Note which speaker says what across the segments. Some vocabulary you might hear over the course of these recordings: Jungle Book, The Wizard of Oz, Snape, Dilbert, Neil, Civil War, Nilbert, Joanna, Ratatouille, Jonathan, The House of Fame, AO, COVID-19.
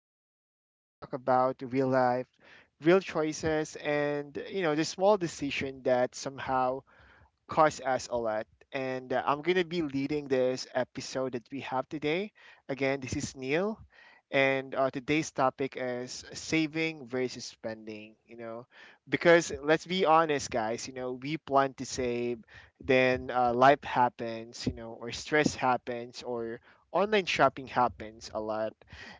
Speaker 1: podcast, where we talk about real life, real choices, and the small decision that somehow Cars as Olet, and I'm gonna be leading this episode that we have today. Again, this is Neil, and today's topic is saving versus spending. Because let's be honest, guys. We plan to save, then life happens. Or stress happens, or online shopping happens a lot.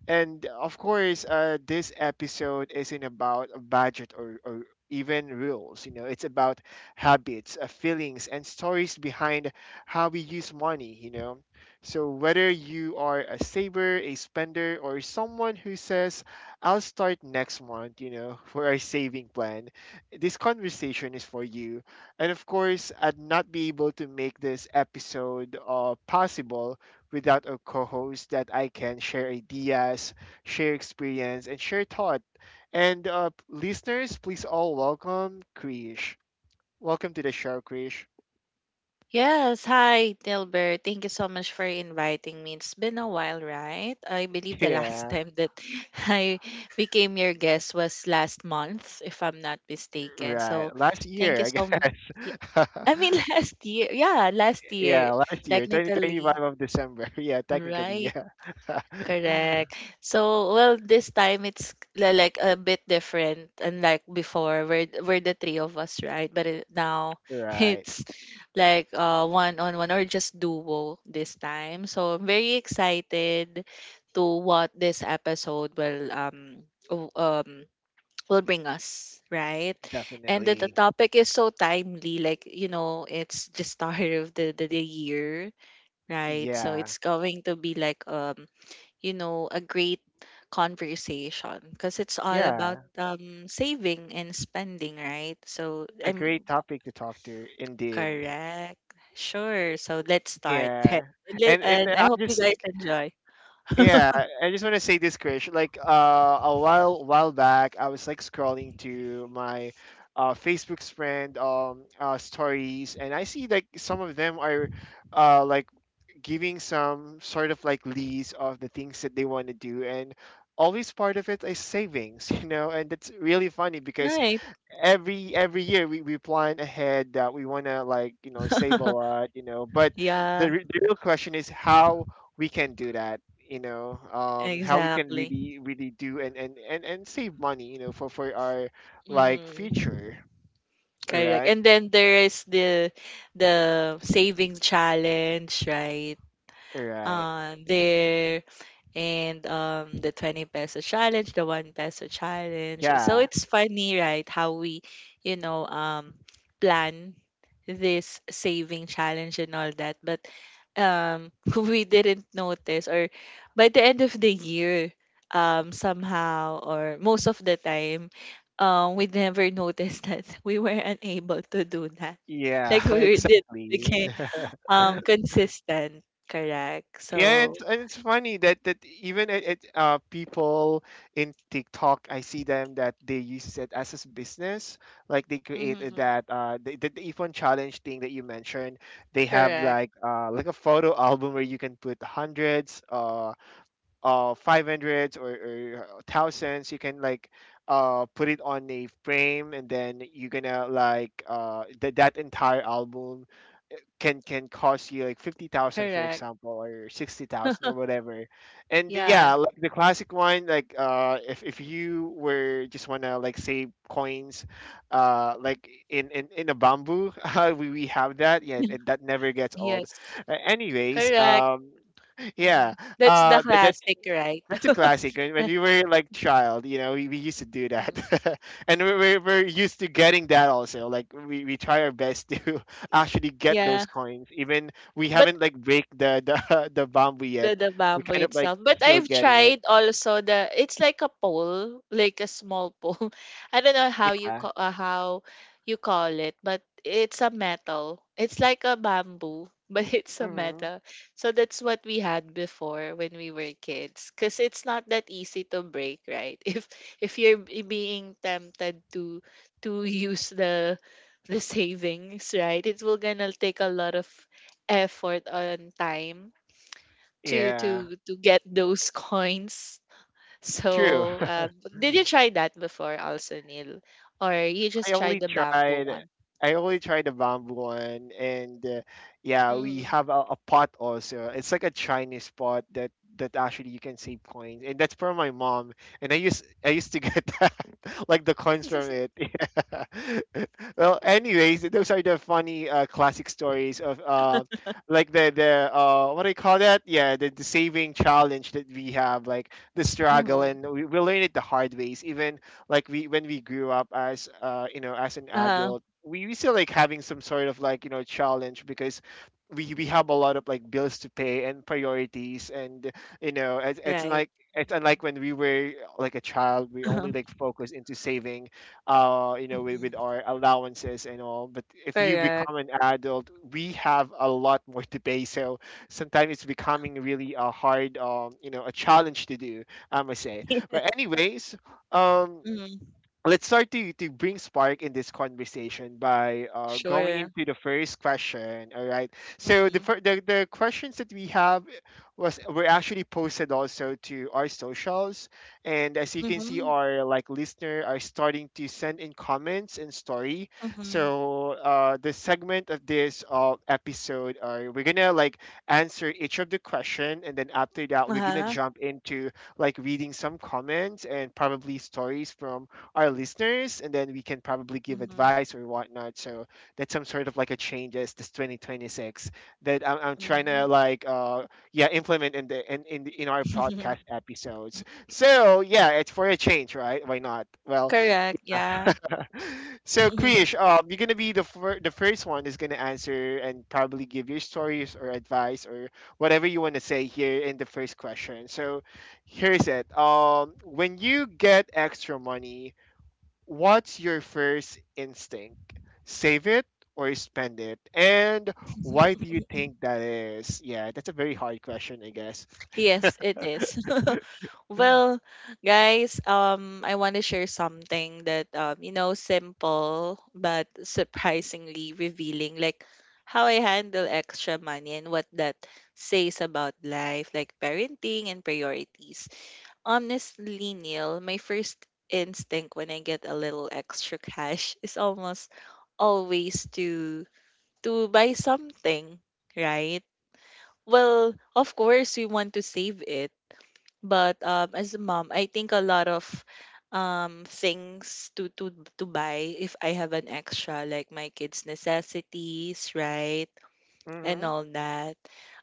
Speaker 1: And of course, this episode isn't about a budget or even rules. It's about habits, feelings, and stories behind how we use money. So, whether you are a saver, a spender, or someone who says, I'll start next month, for our saving plan, this conversation is for you. And of course, I'd not be able to make this episode possible without a co host that I can share ideas, share experience, and share thought. And listeners, please all welcome Krish. Welcome to the show, Krish.
Speaker 2: Yes, hi Dilbert. Thank you so much for inviting me. It's been a while, right? I believe the last
Speaker 1: Yeah,
Speaker 2: time that I became your guest was last month, if I'm not mistaken. So,
Speaker 1: right. Last
Speaker 2: thank
Speaker 1: year,
Speaker 2: you
Speaker 1: I
Speaker 2: so much.
Speaker 1: guess.
Speaker 2: I mean, last year. Yeah, last year,
Speaker 1: Yeah, last year, 2025
Speaker 2: technically.
Speaker 1: of December. Yeah, technically,
Speaker 2: Right.
Speaker 1: yeah.
Speaker 2: Correct. So, well, this time it's like a bit different, unlike before, we're the three of us, right? But now
Speaker 1: Right,
Speaker 2: it's like one on one or just duo this time. So I'm very excited to what this episode will o- um will bring us, right? And that the
Speaker 1: definitely.
Speaker 2: topic is so timely, like you know, it's the start of the year, right? So
Speaker 1: Yeah,
Speaker 2: it's going to be like you know, a great conversation because it's all about
Speaker 1: yeah.
Speaker 2: saving and spending, right? So
Speaker 1: A
Speaker 2: I'm
Speaker 1: great topic to talk to, indeed.
Speaker 2: correct. Sure. So let's start.
Speaker 1: Yeah,
Speaker 2: Li-
Speaker 1: and
Speaker 2: And I
Speaker 1: I
Speaker 2: hope you
Speaker 1: just
Speaker 2: guys
Speaker 1: like,
Speaker 2: enjoy.
Speaker 1: yeah, I just want to say this, Krish. Like a while back, I was like scrolling to my Facebook's friend stories, and I see like some of them are like giving some sort of like list of the things that they want to do, and always part of it is savings, and that's really funny because
Speaker 2: Right.
Speaker 1: every year we plan ahead that we want to like save a lot but
Speaker 2: Yeah,
Speaker 1: the real question is how we can do that how we can
Speaker 2: exactly.
Speaker 1: really do and save money for our like
Speaker 2: Mm,
Speaker 1: future,
Speaker 2: correct.
Speaker 1: right,
Speaker 2: And then there is the saving challenge, right?
Speaker 1: right,
Speaker 2: Uh, there the 20 peso challenge, the 1 peso challenge. So
Speaker 1: yeah,
Speaker 2: it's funny, right? How we, you know, um, plan this saving challenge and all that. But we didn't notice, or by the end of the year, somehow, or most of the time, we never noticed that we were unable to do that.
Speaker 1: yeah,
Speaker 2: Like we were- did
Speaker 1: exactly.
Speaker 2: became consistent, correct?
Speaker 1: Yeah,
Speaker 2: So.
Speaker 1: it's, and it's funny that even at it, people in TikTok, I see them that they use it as a business. Like they created
Speaker 2: Mhm.
Speaker 1: that the iPhone challenge thing that you mentioned. They have
Speaker 2: Correct,
Speaker 1: like a photo album where you can put hundreds, five hundreds, or thousands. You can like put it on a frame and then you're gonna like that entire album can cost you like 50,000 for
Speaker 2: correct.
Speaker 1: example or 60,000 or whatever. And yeah,
Speaker 2: Yeah.
Speaker 1: like the classic one like if you were just want to like save coins like in a bamboo we have that. Yeah, that never gets old.
Speaker 2: Yes.
Speaker 1: Anyways,
Speaker 2: Correct.
Speaker 1: yeah,
Speaker 2: Mhm. That's the
Speaker 1: the,
Speaker 2: classic, right?
Speaker 1: That's a classic. When we were like child, you know, we used to do that,
Speaker 2: Mm.
Speaker 1: and we're used to getting that also. Like we try our best to actually get
Speaker 2: Yeah.
Speaker 1: those coins. Even we haven't like break the the bamboo yet.
Speaker 2: The
Speaker 1: We
Speaker 2: bamboo
Speaker 1: kind of like
Speaker 2: itself. But
Speaker 1: still
Speaker 2: I've
Speaker 1: getting it.
Speaker 2: tried also the it's like a pole, like a small pole. I don't know
Speaker 1: Yeah.
Speaker 2: how you call it, but it's a metal. It's like a bamboo, but it's a
Speaker 1: Hmm.
Speaker 2: metal. So that's what we had before when we were kids, because it's not that easy to break, right? If you're being tempted to use the savings, right? It will gonna take a lot of effort on time to
Speaker 1: Yeah.
Speaker 2: to get those coins.
Speaker 1: True.
Speaker 2: So, did you try that before also, Neil? Or you
Speaker 1: I
Speaker 2: just tried
Speaker 1: only
Speaker 2: the bamboo
Speaker 1: tried
Speaker 2: one?
Speaker 1: I only tried the bamboo one and yeah we
Speaker 2: Mm-hmm.
Speaker 1: have a pot also, it's like a Chinese pot that actually you can save coins and that's from my mom and I used to get that like the coins from it. Yeah, well anyways those are the funny classic stories of like the what do you call that, yeah, the saving challenge that we have, like the struggle, and
Speaker 2: Mm-hmm.
Speaker 1: we learn it the hard ways. Even like we when we grew up as as an
Speaker 2: Uh,
Speaker 1: adult, we still like having some sort of like challenge because we have a lot of like bills to pay and priorities and you know it's
Speaker 2: right.
Speaker 1: like it's unlike when we were like a child, we
Speaker 2: Uh-huh.
Speaker 1: only like focus into saving you know with
Speaker 2: Hmm.
Speaker 1: our allowances and all. But if you
Speaker 2: Correct.
Speaker 1: become an adult we have a lot more to pay, so sometimes it's becoming really a hard you know a challenge to do, I must say. But anyways, um
Speaker 2: Yes. Mm-hmm.
Speaker 1: let's start to bring spark in this conversation by going
Speaker 2: Sure.
Speaker 1: into the first question. All right, so
Speaker 2: Mm-hmm.
Speaker 1: the questions that we have was were actually posted also to our socials, and as you can see
Speaker 2: Mm-hmm.
Speaker 1: our like listener are starting to send in comments and story.
Speaker 2: Mm-hmm.
Speaker 1: So the segment of this episode are we're gonna like answer each of the question and then after that we're gonna
Speaker 2: Uh-huh.
Speaker 1: jump into like reading some comments and probably stories from our listeners, and then we can probably give
Speaker 2: Mm-hmm.
Speaker 1: advice or whatnot. So that's some sort of like a changes this 2026 that I'm trying
Speaker 2: Mm-hmm.
Speaker 1: to like yeah implement in the in our podcast episodes. So yeah, it's for a change, right? Why not? Well,
Speaker 2: Correct. Yeah.
Speaker 1: so Krish, you're gonna be the first one is gonna answer and probably give your stories or advice or whatever you want to say here in the first question. So here's it. When you get extra money, what's your first instinct? Save it or spend it? And why do you think that is? Yeah, that's a very hard question, I guess.
Speaker 2: Yes, it is. Well, guys, I want to share something that you know, simple but surprisingly revealing, like how I handle extra money and what that says about life, like parenting and priorities. Honestly, Neil, my first instinct when I get a little extra cash is almost always to buy something, right? Well, of course we want to save it but as a mom, I think a lot of things to to buy if I have an extra, like my kids' necessities, right, and
Speaker 1: Mm-hmm.
Speaker 2: all that.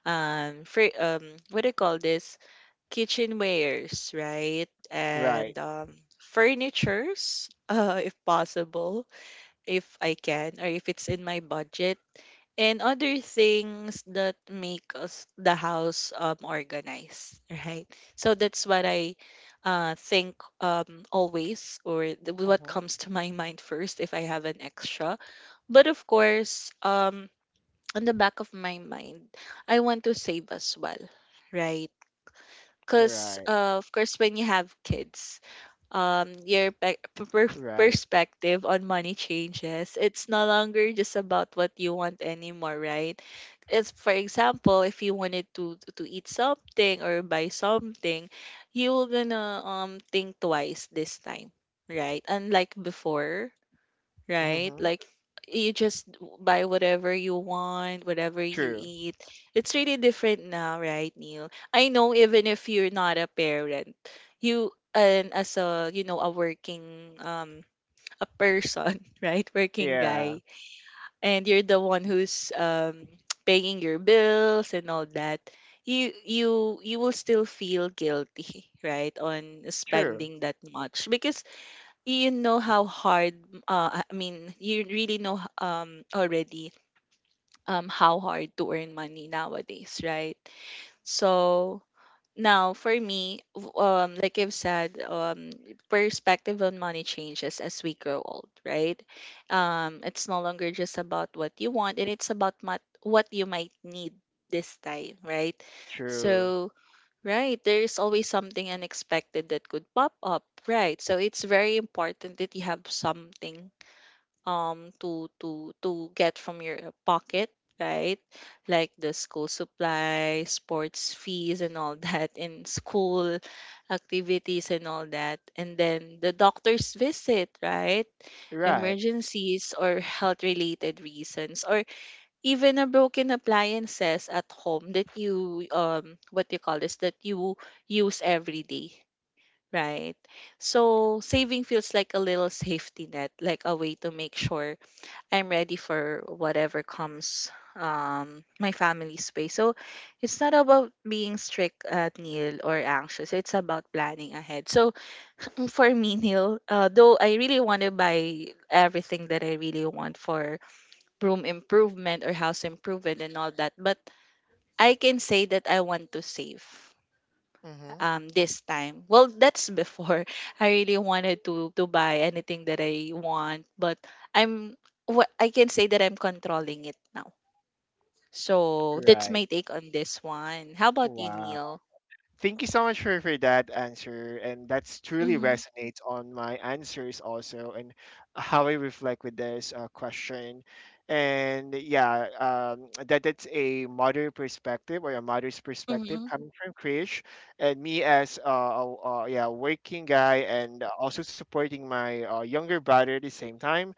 Speaker 2: For what do you call this? Kitchenwares, right, and
Speaker 1: Right.
Speaker 2: furnitures, if possible, if I can, or if it's in my budget, and other things that make us the house organized, right? So that's what I think, always, or what
Speaker 1: Mm-hmm.
Speaker 2: comes to my mind first if I have an extra. But of course on the back of my mind I want to save as well, right? Because
Speaker 1: Right.
Speaker 2: of course, when you have kids, your pe- p- per-
Speaker 1: Right.
Speaker 2: perspective on money changes. It's no longer just about what you want anymore, right? It's, for example, if you wanted to eat something or buy something, you're gonna think twice this time, right? Unlike before, right?
Speaker 1: Mm-hmm.
Speaker 2: Like you just buy whatever you want, whatever you
Speaker 1: True.
Speaker 2: eat. It's really different now, right, Neil? I know even if you're not a parent, you, and as a a working a person, right? Working
Speaker 1: Yeah.
Speaker 2: guy, and you're the one who's paying your bills and all that. You will still feel guilty, right, on
Speaker 1: True.
Speaker 2: spending that much because you know how hard, I mean, you really know, already, how hard to earn money nowadays, right? So now for me, like I've said, perspective on money changes as we grow old, right? Um, it's no longer just about what you want, and it's about what you might need this time, right?
Speaker 1: True.
Speaker 2: So right. There's always something unexpected that could pop up. Right. So it's very important that you have something to to get from your pocket, right? Like the school supplies, sports fees and all that, and school activities and all that. And then the doctor's visit, right?
Speaker 1: Right.
Speaker 2: Emergencies or health related reasons, or even a broken appliances at home that you what do you call this, that you use every day, right? So saving feels like a little safety net, like a way to make sure I'm ready for whatever comes my family's way. So it's not about being strict at Neil or anxious, it's about planning ahead. So for me, Neil, though I really want to buy everything that I really want for room improvement or house improvement and all that. But I can say that I want to save
Speaker 1: Mm-hmm.
Speaker 2: this time. Well, that's before, I really wanted to buy anything that I want, but I'm what I can say that I'm controlling it now. So that's
Speaker 1: Right.
Speaker 2: my take on this one. How about you,
Speaker 1: Wow.
Speaker 2: Neil?
Speaker 1: Thank you so much for that answer. And that's truly
Speaker 2: Mm-hmm.
Speaker 1: resonates on my answers also and how I reflect with this question. And yeah, that that's a mother perspective or a mother's perspective
Speaker 2: Mm-hmm.
Speaker 1: coming from Krish and me as yeah, working guy and also supporting my younger brother at the same time.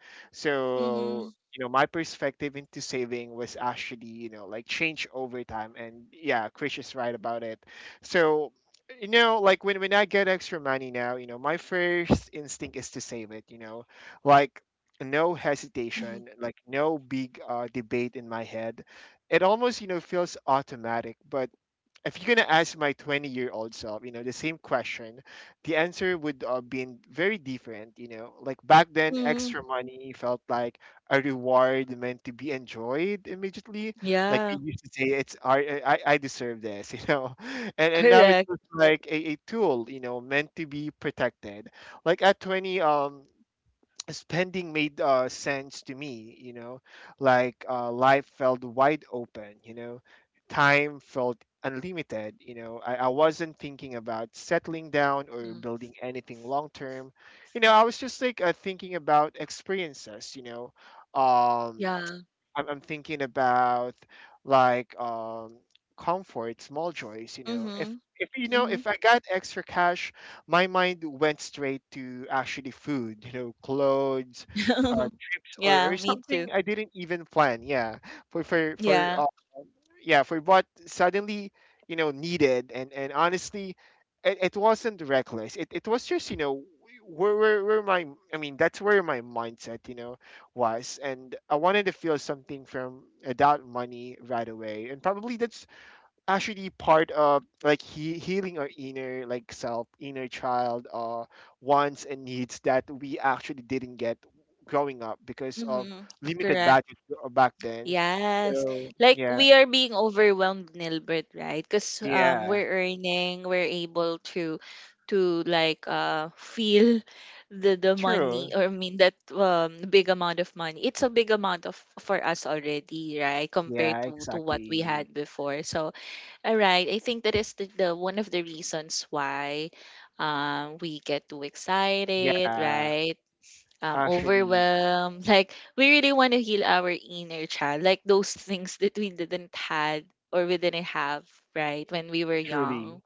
Speaker 2: Mm-hmm.
Speaker 1: So, you know, my perspective into saving was actually, you know, like change over time. And yeah, Krish is right about it so, you know, like when I get extra money now, you know, my first instinct is to save it, you know. Like no
Speaker 2: Mm-hmm.
Speaker 1: hesitation, like no big debate in my head. It almost, you know, feels automatic, but if you're gonna ask my 20-year-old self, you know, the same question, the answer would have been very different. You know, like back then,
Speaker 2: Hmm.
Speaker 1: extra money felt like a reward meant to be enjoyed immediately. Like we
Speaker 2: Yeah.
Speaker 1: used to say, it's our, I deserve this, you know, and now it's
Speaker 2: Correct.
Speaker 1: just like a tool, you know, meant to be protected. Like at 20, spending made sense to me, you know, like life felt wide open, you know, time felt unlimited, you know, I wasn't thinking about settling down or
Speaker 2: Mm.
Speaker 1: building anything long term, you know, I was just like thinking about experiences, you know, um
Speaker 2: Yeah.
Speaker 1: I'm thinking about like comfort, small joys. You know,
Speaker 2: Mm-hmm. Mm-hmm.
Speaker 1: if I got extra cash, my mind went straight to actually food. You know, clothes, uh,
Speaker 2: Yeah,
Speaker 1: or
Speaker 2: me too.
Speaker 1: something I didn't even plan. Yeah, for for
Speaker 2: Yeah.
Speaker 1: for yeah for what suddenly, you know, needed. And honestly it, it wasn't reckless, it was just, you know, where my, I mean, that's where my mindset, you know, was, and I wanted to feel something from without money right away, and probably that's actually part of like healing our inner like self inner child wants and needs that we actually didn't get growing up because of
Speaker 2: Mhm.
Speaker 1: limited
Speaker 2: Correct.
Speaker 1: budget back then.
Speaker 2: Yes.
Speaker 1: So
Speaker 2: Like
Speaker 1: yeah,
Speaker 2: we are being overwhelmed, Nilbert, right? Because
Speaker 1: yeah.
Speaker 2: we're earning, we're able to like feel the
Speaker 1: True.
Speaker 2: money, or I mean that big amount of money. It's a big amount of for us already, right? Compared
Speaker 1: Yeah,
Speaker 2: to what we
Speaker 1: exactly.
Speaker 2: had before. So all right, I think that is the one of the reasons why we get too excited,
Speaker 1: Yeah,
Speaker 2: right?
Speaker 1: actually,
Speaker 2: Overwhelmed. Like we really want to heal our inner child, like those things that we didn't had or we didn't have, right? When we were
Speaker 1: truly.
Speaker 2: young,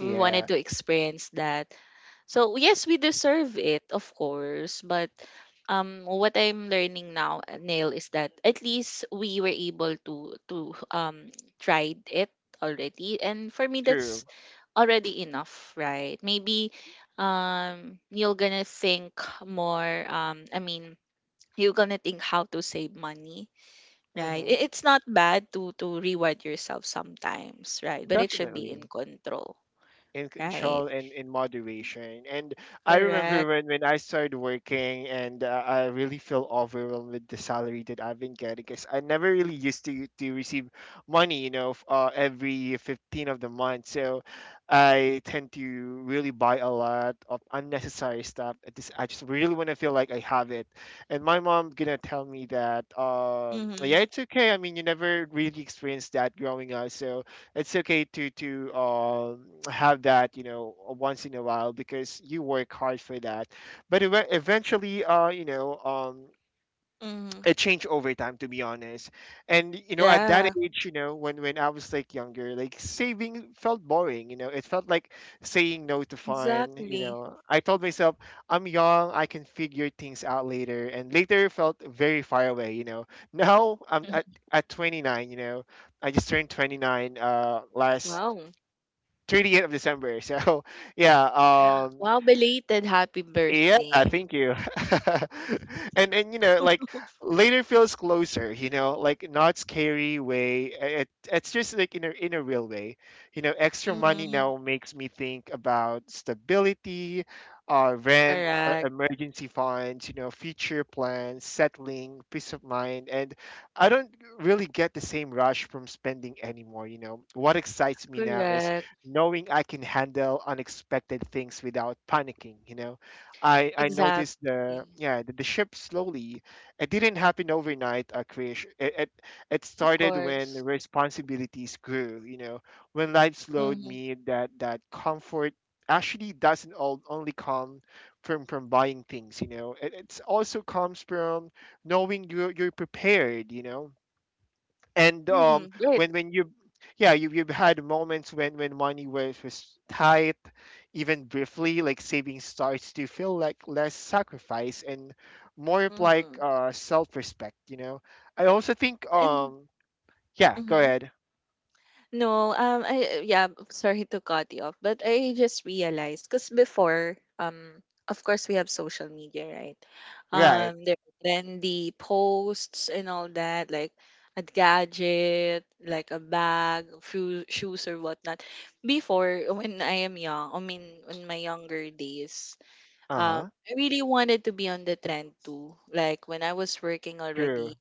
Speaker 2: we wanted to experience that. So yes, we deserve it, of course. But what I'm learning now, Neil, is that at least we were able to tried it already, and for me,
Speaker 1: true.
Speaker 2: that's already enough, right? Maybe you're gonna think more, I mean, you're gonna think how to save money, right?
Speaker 1: Hmm.
Speaker 2: It's not bad to reward yourself sometimes, right? But it should be in
Speaker 1: Definitely
Speaker 2: control,
Speaker 1: in
Speaker 2: right?
Speaker 1: control and in moderation. And I remember
Speaker 2: Correct.
Speaker 1: when I started working and I really feel overwhelmed with the salary that I've been getting because I never really used to receive money, you know, every 15th of the month. So I tend to really buy a lot of unnecessary stuff. I just really want to feel like I have it. And my mom gonna tell me that, yeah,
Speaker 2: Mm-hmm.
Speaker 1: it's okay. I mean, you never really experienced that growing up. So it's okay to have that, you know, once in a while, because you work hard for that. But eventually
Speaker 2: Mm-hmm.
Speaker 1: it changed over time, to be honest. And you know, at that
Speaker 2: Yeah,
Speaker 1: age, you know, when I was like younger, like saving felt boring, you know, it felt like saying no to fun. You
Speaker 2: exactly.
Speaker 1: know, I told myself I'm young, I can figure things out later, and later felt very far away, you know. Now I'm at 29, you know, I just turned 29 last
Speaker 2: Wow.
Speaker 1: 30th of December. So yeah, um,
Speaker 2: Wow, belated happy
Speaker 1: yeah,
Speaker 2: birthday.
Speaker 1: thank you. And you know, like later feels closer, you know, like not scary way. It's just like in a real way. You know, extra money
Speaker 2: Mm,
Speaker 1: now makes me think about stability, rent,
Speaker 2: correct.
Speaker 1: emergency funds, you know, future plans, settling, peace of mind, and I don't really get the same rush from spending anymore, you know. What excites me now is
Speaker 2: Correct.
Speaker 1: knowing I can handle unexpected things without panicking, you know. I noticed the
Speaker 2: Exactly.
Speaker 1: yeah the, the shift slowly. It didn't happen overnight, Krish. It
Speaker 2: Of
Speaker 1: started when
Speaker 2: course.
Speaker 1: responsibilities grew. You know, when life slowed
Speaker 2: Mm-hmm.
Speaker 1: me, that comfort actually doesn't only come from buying things. You know, it it's also comes from knowing you're prepared. You know. and
Speaker 2: Mm-hmm.
Speaker 1: um when you, you've had moments when money was tight, even briefly. Like saving starts to feel like less sacrifice and more of like
Speaker 2: Mm-hmm.
Speaker 1: self-respect, you know. I also think,
Speaker 2: And
Speaker 1: yeah, go
Speaker 2: mhm.
Speaker 1: ahead.
Speaker 2: No, I, yeah, sorry to cut you off, but I just realized because before, of course we have social media, right?
Speaker 1: Right.
Speaker 2: There are trendy posts and all that, like a gadget, like a bag, shoes or whatnot. Before, when I am young, I mean, in my younger days, um,
Speaker 1: Uh-huh.
Speaker 2: I really wanted to be on the trend too. Like when I was working
Speaker 1: True.
Speaker 2: already,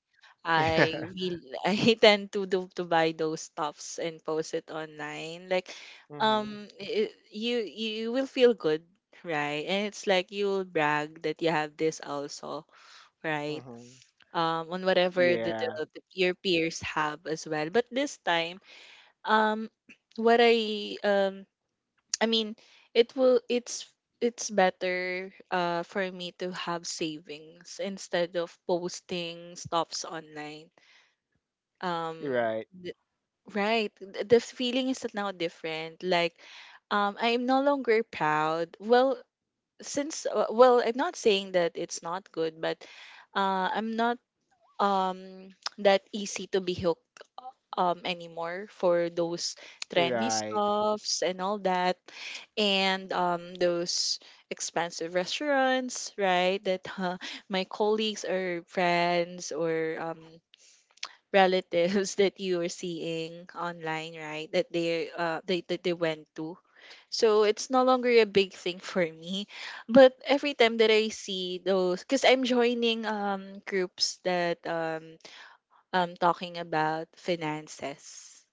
Speaker 2: I
Speaker 1: Yeah.
Speaker 2: really I tend to do to buy those stuffs and post it online. Like,
Speaker 1: Mm-hmm,
Speaker 2: it, you will feel good, right? And it's like you'll brag that you have this also, right?
Speaker 1: mm-hmm.
Speaker 2: On whatever
Speaker 1: Yeah.
Speaker 2: the your peers have as well. But this time, um, what I mean, it will it's better for me to have savings instead of posting stuffs online. Um
Speaker 1: Right,
Speaker 2: th- right, the feeling is now different. Like I am no longer proud. Well, since well, I'm not saying that it's not good, but I'm not um that easy to be hooked anymore for those trendy
Speaker 1: right,
Speaker 2: stuffs and all that, and those expensive restaurants, right, that my colleagues or friends or relatives that you are seeing online, right, that they that they went to. So it's no longer a big thing for me, but every time that I see those, because I'm joining groups that talking about finances,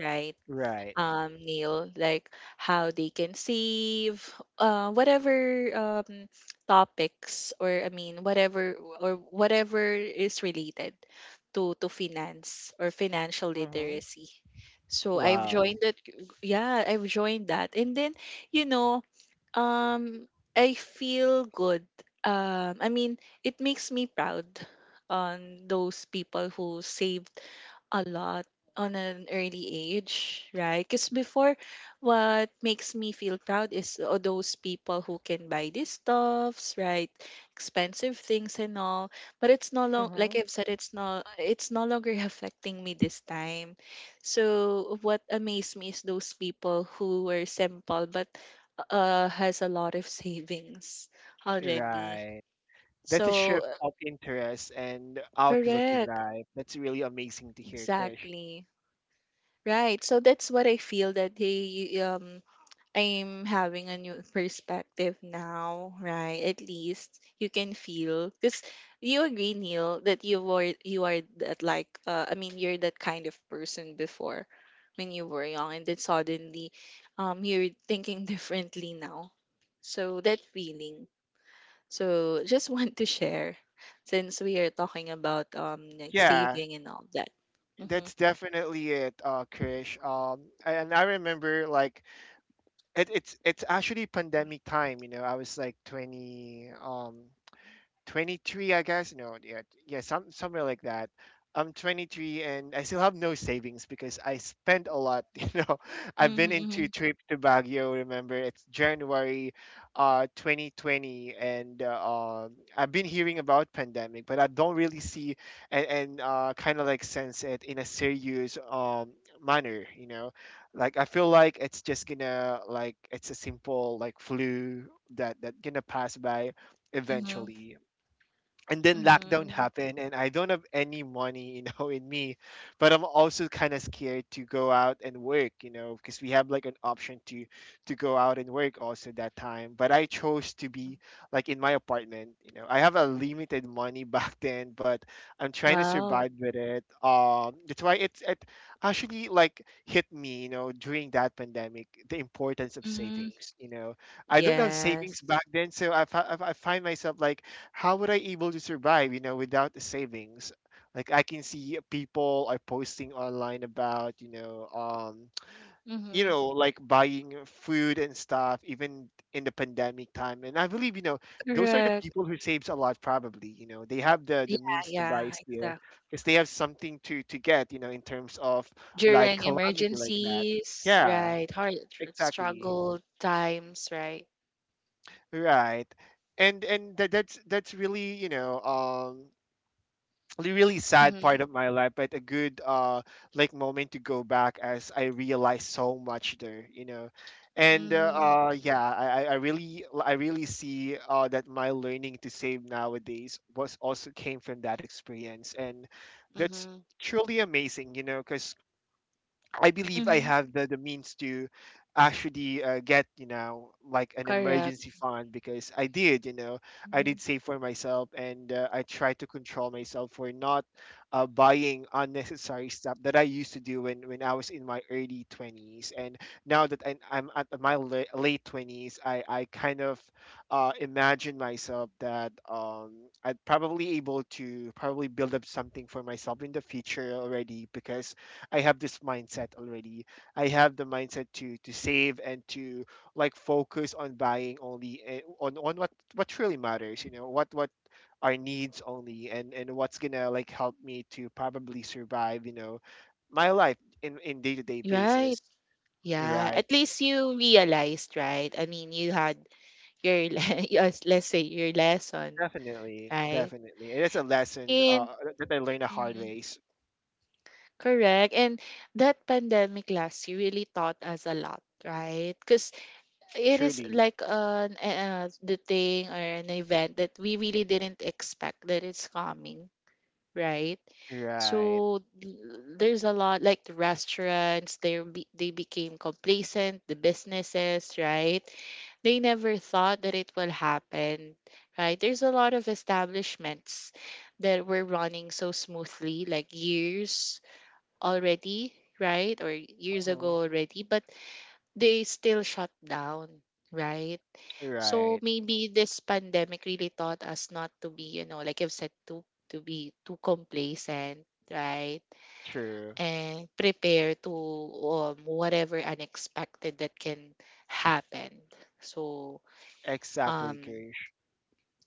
Speaker 2: right?
Speaker 1: right.
Speaker 2: Neil, like how they can save, whatever um, topics, or I mean whatever, or whatever is related to finance or financial
Speaker 1: Mm-hmm.
Speaker 2: literacy. So I've
Speaker 1: Wow.
Speaker 2: joined that. Yeah, I've joined that, and then you know, um, I feel good. I mean, it makes me proud on those people who save a lot on an early age, right? Because before, what makes me feel proud is all those people who can buy these stuffs, right? Expensive things and all. But it's no long,
Speaker 1: Mm-hmm.
Speaker 2: like I've said, it's it's no longer affecting me this time. So what amazed me is those people who were simple but has a lot of savings already.
Speaker 1: Right. That's a
Speaker 2: So
Speaker 1: shift of interest and outlook in
Speaker 2: correct,
Speaker 1: life. That's really amazing to hear, Krish.
Speaker 2: exactly. Right. So that's what I feel that they I'm having a new perspective now, right? At least you can feel because you agree, Neil, that you are that like you're that kind of person before when you were young and then suddenly you're thinking differently now. So that feeling. So just want to share since we are talking about like
Speaker 1: Yeah,
Speaker 2: saving and all that. Mm-hmm.
Speaker 1: that's definitely it, Krish. And I remember, like, it's actually pandemic time. You know, I was like 20. 23, I guess. No, yeah, yeah, some somewhere like that. I'm 23 and I still have no savings because I spent a lot. You know, I've
Speaker 2: Mm-hmm.
Speaker 1: been into trip to Baguio. Remember, it's January 2020, and I've been hearing about pandemic, but I don't really see and kind of like sense it in a serious manner, you know. Like, I feel like it's just gonna like it's a simple like flu that gonna pass by
Speaker 2: Mm-hmm.
Speaker 1: eventually. And then lockdown
Speaker 2: Mhm.
Speaker 1: happened and I don't have any money, you know, in me. But I'm also kind of scared to go out and work, you know, because we have like an option to go out and work also that time, but I chose to be like in my apartment, you know. I have a limited money back then, but I'm trying to
Speaker 2: Wow.
Speaker 1: survive with it. That's why it actually like hit me, you know, during that pandemic, the importance of
Speaker 2: Mhm.
Speaker 1: savings, you know. I don't have
Speaker 2: Yes.
Speaker 1: savings back then, so I find myself like, how would I able to survive, you know, without the savings? Like, I can see people are posting online about, you
Speaker 2: Mhm.
Speaker 1: know, like buying food and stuff, even in the pandemic time. And I believe, you know, those are the
Speaker 2: Correct.
Speaker 1: people who saves a lot, probably, you know. They have the
Speaker 2: Yeah,
Speaker 1: means to buy
Speaker 2: yeah,
Speaker 1: still
Speaker 2: exactly.
Speaker 1: because they have something to get, you know, in terms of like
Speaker 2: During
Speaker 1: calamity like that.
Speaker 2: emergencies,
Speaker 1: Yeah,
Speaker 2: right? Hard
Speaker 1: exactly.
Speaker 2: struggle times, right?
Speaker 1: Right. And that's really, you know, the really sad
Speaker 2: Mhm.
Speaker 1: part of my life, but a good like moment to go back as I realized so much there, you know. And
Speaker 2: Mm,
Speaker 1: yeah, I really I really see that my learning to save nowadays was also came from that experience, and that's
Speaker 2: mhm.
Speaker 1: truly amazing, you know, because I believe I
Speaker 2: Mhm.
Speaker 1: have the means to actually get, you know, like an
Speaker 2: Correct.
Speaker 1: emergency fund, because I did, you know, I
Speaker 2: Mhm.
Speaker 1: did save for myself. And I tried to control myself for not buying unnecessary stuff that I used to do when I was in my early 20s. And now that I'm at my late 20s, I kind of imagine myself that I'd probably able to probably build up something for myself in the future already, because I have this mindset already. I have the mindset to save and to like focus on buying only on what really matters. You know, what our needs only, and what's gonna like help me to probably survive. You know, my life in day to day
Speaker 2: Right.
Speaker 1: basis.
Speaker 2: Yeah.
Speaker 1: Right.
Speaker 2: At least you realized, right? I mean, you had your, yes, let's say, your lesson,
Speaker 1: Definitely.
Speaker 2: right?
Speaker 1: Definitely. It is a lesson,
Speaker 2: And
Speaker 1: that I learned the hard
Speaker 2: mhm.
Speaker 1: ways.
Speaker 2: Correct. And that pandemic last year really taught us a lot, right? Because it is
Speaker 1: Truly.
Speaker 2: like an the thing or an event that we really didn't expect that it's coming, right?
Speaker 1: Right.
Speaker 2: So there's a lot like the restaurants, they became complacent, the businesses, right? They never thought that it will happen, right? There's a lot of establishments that were running so smoothly, like years already, right? Or years
Speaker 1: Hmm.
Speaker 2: ago already, but they still shut down, right? So
Speaker 1: Right.
Speaker 2: maybe this pandemic really taught us not to be, you know, like I've said, to be too complacent, right?
Speaker 1: True.
Speaker 2: And prepare to whatever unexpected that can happen. So
Speaker 1: Exactly,
Speaker 2: um
Speaker 1: Krish.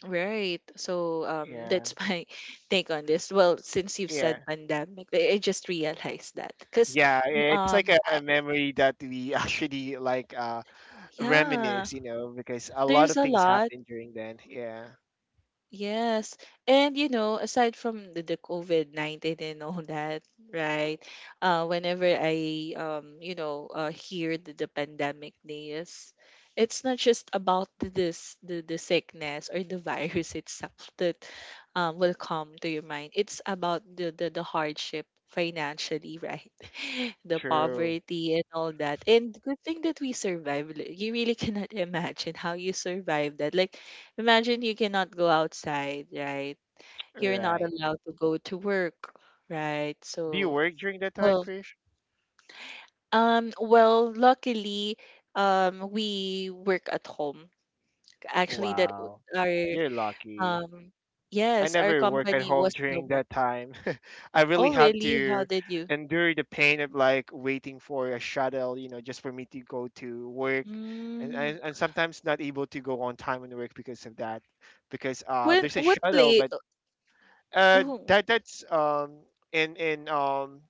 Speaker 2: right. So
Speaker 1: Yeah.
Speaker 2: that's my take on this. Well, since you've
Speaker 1: Yeah.
Speaker 2: said pandemic, I just realized that because
Speaker 1: Yeah, it's like a memory that we actually like
Speaker 2: yeah,
Speaker 1: reminisce, you know, because a lot
Speaker 2: there's
Speaker 1: of
Speaker 2: a
Speaker 1: things
Speaker 2: lot.
Speaker 1: happened during then. Yeah,
Speaker 2: Yes. And you know, aside from the COVID-19 and all that, right? Whenever I you know, hear the pandemic news, it's not just about the sickness or the virus itself that will come to your mind. It's about the hardship financially, right? The
Speaker 1: true.
Speaker 2: poverty and all that. And good thing that we survived. You really cannot imagine how you survived that. Like, imagine you cannot go outside, right? You're not
Speaker 1: Right.
Speaker 2: allowed to go to work, right?
Speaker 1: Do you
Speaker 2: So,
Speaker 1: work during that time,
Speaker 2: well,
Speaker 1: Krish?
Speaker 2: well, luckily, we work at home. Actually, that
Speaker 1: Wow,
Speaker 2: w-
Speaker 1: you're
Speaker 2: our
Speaker 1: lucky.
Speaker 2: um,
Speaker 1: I
Speaker 2: yes, our
Speaker 1: never work at
Speaker 2: company
Speaker 1: home
Speaker 2: was the
Speaker 1: during
Speaker 2: one.
Speaker 1: that time. I really
Speaker 2: Oh,
Speaker 1: have
Speaker 2: really? How
Speaker 1: to
Speaker 2: did you?
Speaker 1: endure the pain of like waiting for a shuttle, you know, just for me to go to work. And,
Speaker 2: Mm.
Speaker 1: and, and sometimes not able to go on time on work because of that, because
Speaker 2: When
Speaker 1: there's a
Speaker 2: what
Speaker 1: shuttle,
Speaker 2: play?
Speaker 1: but that that's in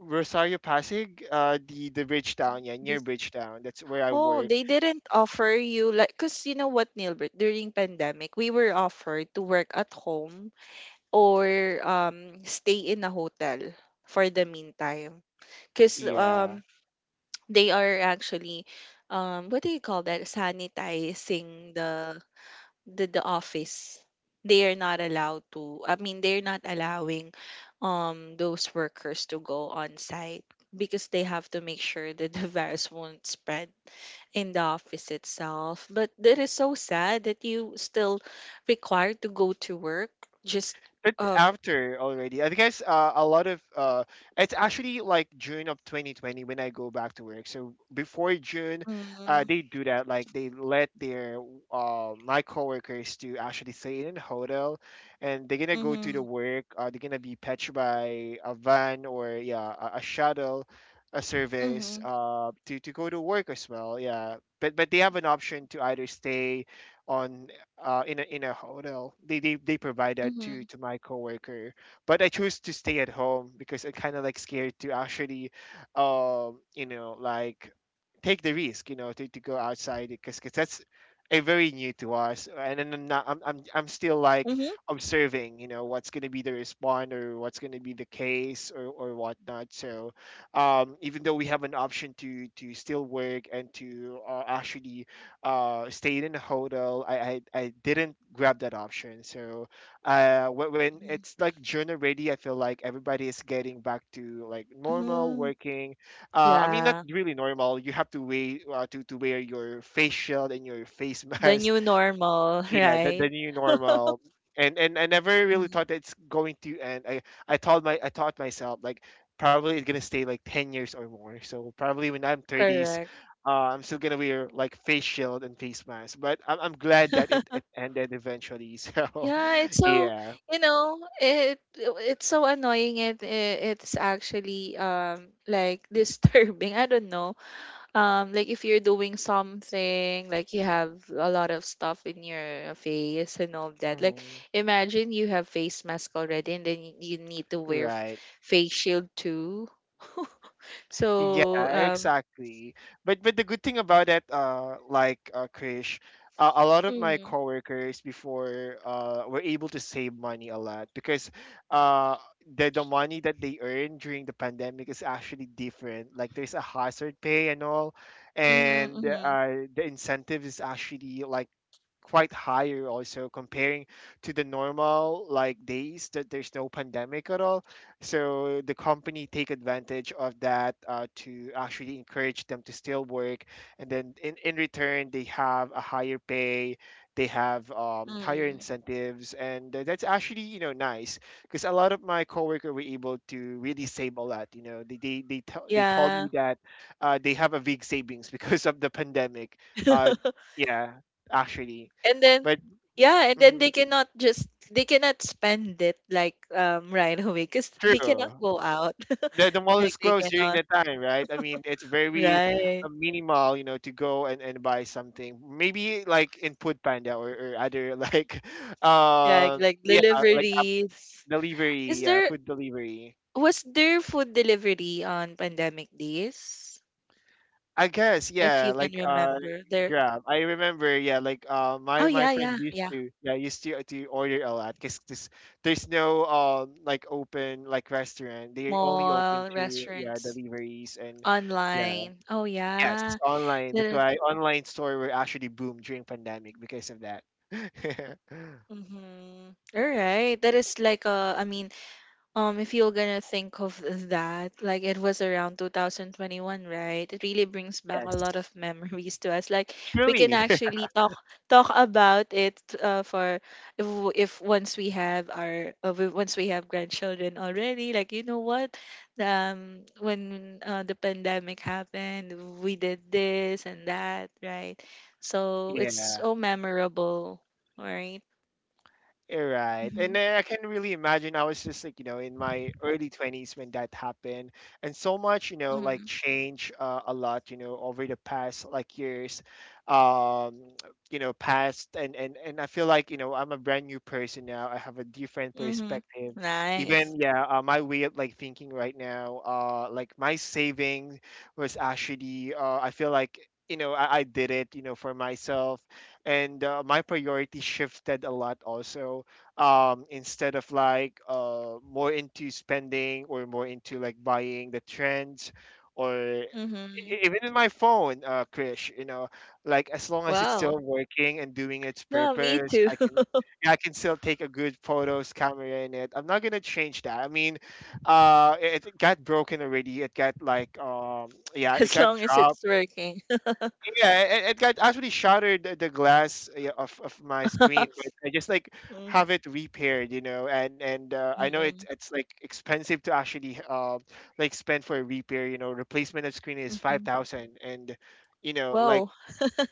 Speaker 1: Rosario Pasig, the Bridgetown, yeah, near Bridgetown. That's where I
Speaker 2: Oh,
Speaker 1: work.
Speaker 2: they didn't offer you like because you know what, Nilbert, during pandemic, we were offered to work at home or stay in a hotel for the meantime. Because
Speaker 1: Yeah.
Speaker 2: they are actually what do you call that? Sanitizing the office. They are not allowed to I mean they're not allowing those workers to go on site because they have to make sure that the virus won't spread in the office itself. But that is so sad that you still required to go to work just
Speaker 1: It's
Speaker 2: of
Speaker 1: after already. I guess, a lot of it's actually like June of 2020 when I go back to work. So before June,
Speaker 2: mm-hmm,
Speaker 1: they do that. Like, they let their my coworkers to actually stay in a hotel, and they're gonna go to the
Speaker 2: mm-hmm,
Speaker 1: work. They're gonna be patched by a van, or yeah, a shuttle, a service,
Speaker 2: mm-hmm,
Speaker 1: to go to work as well. Yeah, but they have an option to either stay on, in a hotel. They provide that
Speaker 2: mm-hmm,
Speaker 1: to my coworker, but I chose to stay at home because I kind of like scared to actually, you know, like take the risk, you know, to go outside, because cause that's a very new to us. And then I'm not- I'm still like
Speaker 2: mm-hmm,
Speaker 1: observing, you know, what's gonna be the response, or what's gonna be the case, or whatnot. So, even though we have an option to still work and to actually stayed in a hotel, I didn't grab that option. So when it's like June already, I feel like everybody is getting back to like normal
Speaker 2: hmm
Speaker 1: working. I mean, not
Speaker 2: yeah,
Speaker 1: really normal. You have to wait, to wear your face shield and your face
Speaker 2: the
Speaker 1: mask.
Speaker 2: new normal,
Speaker 1: Yeah, the
Speaker 2: right?
Speaker 1: new normal. And I never really
Speaker 2: Mhm.
Speaker 1: thought that it's going to end. I i told my i taught myself like probably it's gonna stay like 10 years or more, so probably when I'm 30s,
Speaker 2: Correct.
Speaker 1: I'm still gonna wear like face shield and face mask. But I'm glad that it ended eventually. So
Speaker 2: Yeah, it's so
Speaker 1: yeah.
Speaker 2: you know it's so annoying and it's actually like disturbing. I don't know. Like if you're doing something, like you have a lot of stuff in your face and all that. Like
Speaker 1: Mhm.
Speaker 2: imagine you have face mask already and then you need to wear
Speaker 1: Right.
Speaker 2: face shield too.
Speaker 1: Yeah,
Speaker 2: So,
Speaker 1: exactly. But the good thing about it, like, Krish, a lot of my
Speaker 2: mm,
Speaker 1: coworkers before were able to save money a lot, because uh the money that they earn during the pandemic is actually different. Like, there's a hazard pay and all,
Speaker 2: mm-hmm,
Speaker 1: and
Speaker 2: mm-hmm,
Speaker 1: the incentive is actually like quite higher also, comparing to the normal like days that there's no pandemic at all. So the company take advantage of that, to actually encourage them to still work, and then in return they have a higher pay. They have, higher
Speaker 2: mm,
Speaker 1: incentives, and that's actually, you know, nice, because a lot of my coworker were able to really save a lot, you know. They told
Speaker 2: yeah.
Speaker 1: me that, they have a big savings because of the pandemic. uh, yeah, actually.
Speaker 2: And then
Speaker 1: But
Speaker 2: yeah, and then
Speaker 1: mhm,
Speaker 2: they cannot spend it like right away because they
Speaker 1: true.
Speaker 2: cannot go out.
Speaker 1: The mall is
Speaker 2: Like they
Speaker 1: closed during
Speaker 2: cannot,
Speaker 1: that time, right? I mean, it's very
Speaker 2: right?
Speaker 1: minimal, you know, to go and buy something. Maybe like input panda, or other like,
Speaker 2: Yeah,
Speaker 1: uh,
Speaker 2: like
Speaker 1: yeah, like app
Speaker 2: deliveries.
Speaker 1: delivery,
Speaker 2: Is
Speaker 1: yeah,
Speaker 2: there
Speaker 1: food delivery.
Speaker 2: was there food delivery on pandemic days?
Speaker 1: I guess,
Speaker 2: If you
Speaker 1: yeah,
Speaker 2: can
Speaker 1: like,
Speaker 2: remember. There
Speaker 1: Grab. I remember, yeah, like
Speaker 2: oh
Speaker 1: my my
Speaker 2: yeah,
Speaker 1: friend
Speaker 2: yeah,
Speaker 1: used
Speaker 2: yeah.
Speaker 1: to, yeah, used to order a lot because there's no like open like restaurant. They only open
Speaker 2: Mall,
Speaker 1: to yeah
Speaker 2: restaurants,
Speaker 1: deliveries and. Yeah.
Speaker 2: online. Oh
Speaker 1: Yes,
Speaker 2: yeah.
Speaker 1: online.
Speaker 2: That
Speaker 1: That's
Speaker 2: is
Speaker 1: why online store were actually boomed during pandemic because of that.
Speaker 2: mm-hmm. All right. That is like a I mean um, if you're gonna think of that, like it was around 2021, right? It really brings back a lot of
Speaker 1: Yes.
Speaker 2: memories to us. Like we can
Speaker 1: Truly.
Speaker 2: actually talk about it for if, w- if once we have our once we have grandchildren already. Like you know what, when the pandemic happened, we did this and that, right? So it's
Speaker 1: Yeah.
Speaker 2: so memorable, right?
Speaker 1: You right.
Speaker 2: Mm-hmm.
Speaker 1: And then I can really imagine I was just like, you know, in my early 20s when that happened. And so much, you know, like
Speaker 2: Mm-hmm.
Speaker 1: change, a lot, you know, over the past like years, um, you know, past. And I feel like, you know, I'm a brand new person now. I have a different
Speaker 2: Mm-hmm.
Speaker 1: perspective. Even,
Speaker 2: Nice.
Speaker 1: yeah, my way of like thinking right now, like my saving was actually, I feel like, I did it, for myself, and my priority shifted a lot also, instead of like more into spending, or more into like buying the trends, or
Speaker 2: Mm-hmm.
Speaker 1: even in my phone, Krish, you know, like as long as it's
Speaker 2: Wow.
Speaker 1: still working and doing its
Speaker 2: No, me
Speaker 1: purpose,
Speaker 2: too.
Speaker 1: I can yeah, I can still take a good photos camera in it. I'm not gonna change that. I mean, it got broken already. It got like, yeah, it
Speaker 2: As
Speaker 1: got
Speaker 2: long as
Speaker 1: dropped.
Speaker 2: it's working.
Speaker 1: Yeah, it got actually shattered the glass, yeah, of my screen, but I just like
Speaker 2: Mm,
Speaker 1: have it repaired, you know. And I know it's
Speaker 2: mm,
Speaker 1: it's like expensive to actually, like spend for a repair, you know, replacement of screen is five
Speaker 2: mhm.
Speaker 1: thousand, and you know, like
Speaker 2: Wow.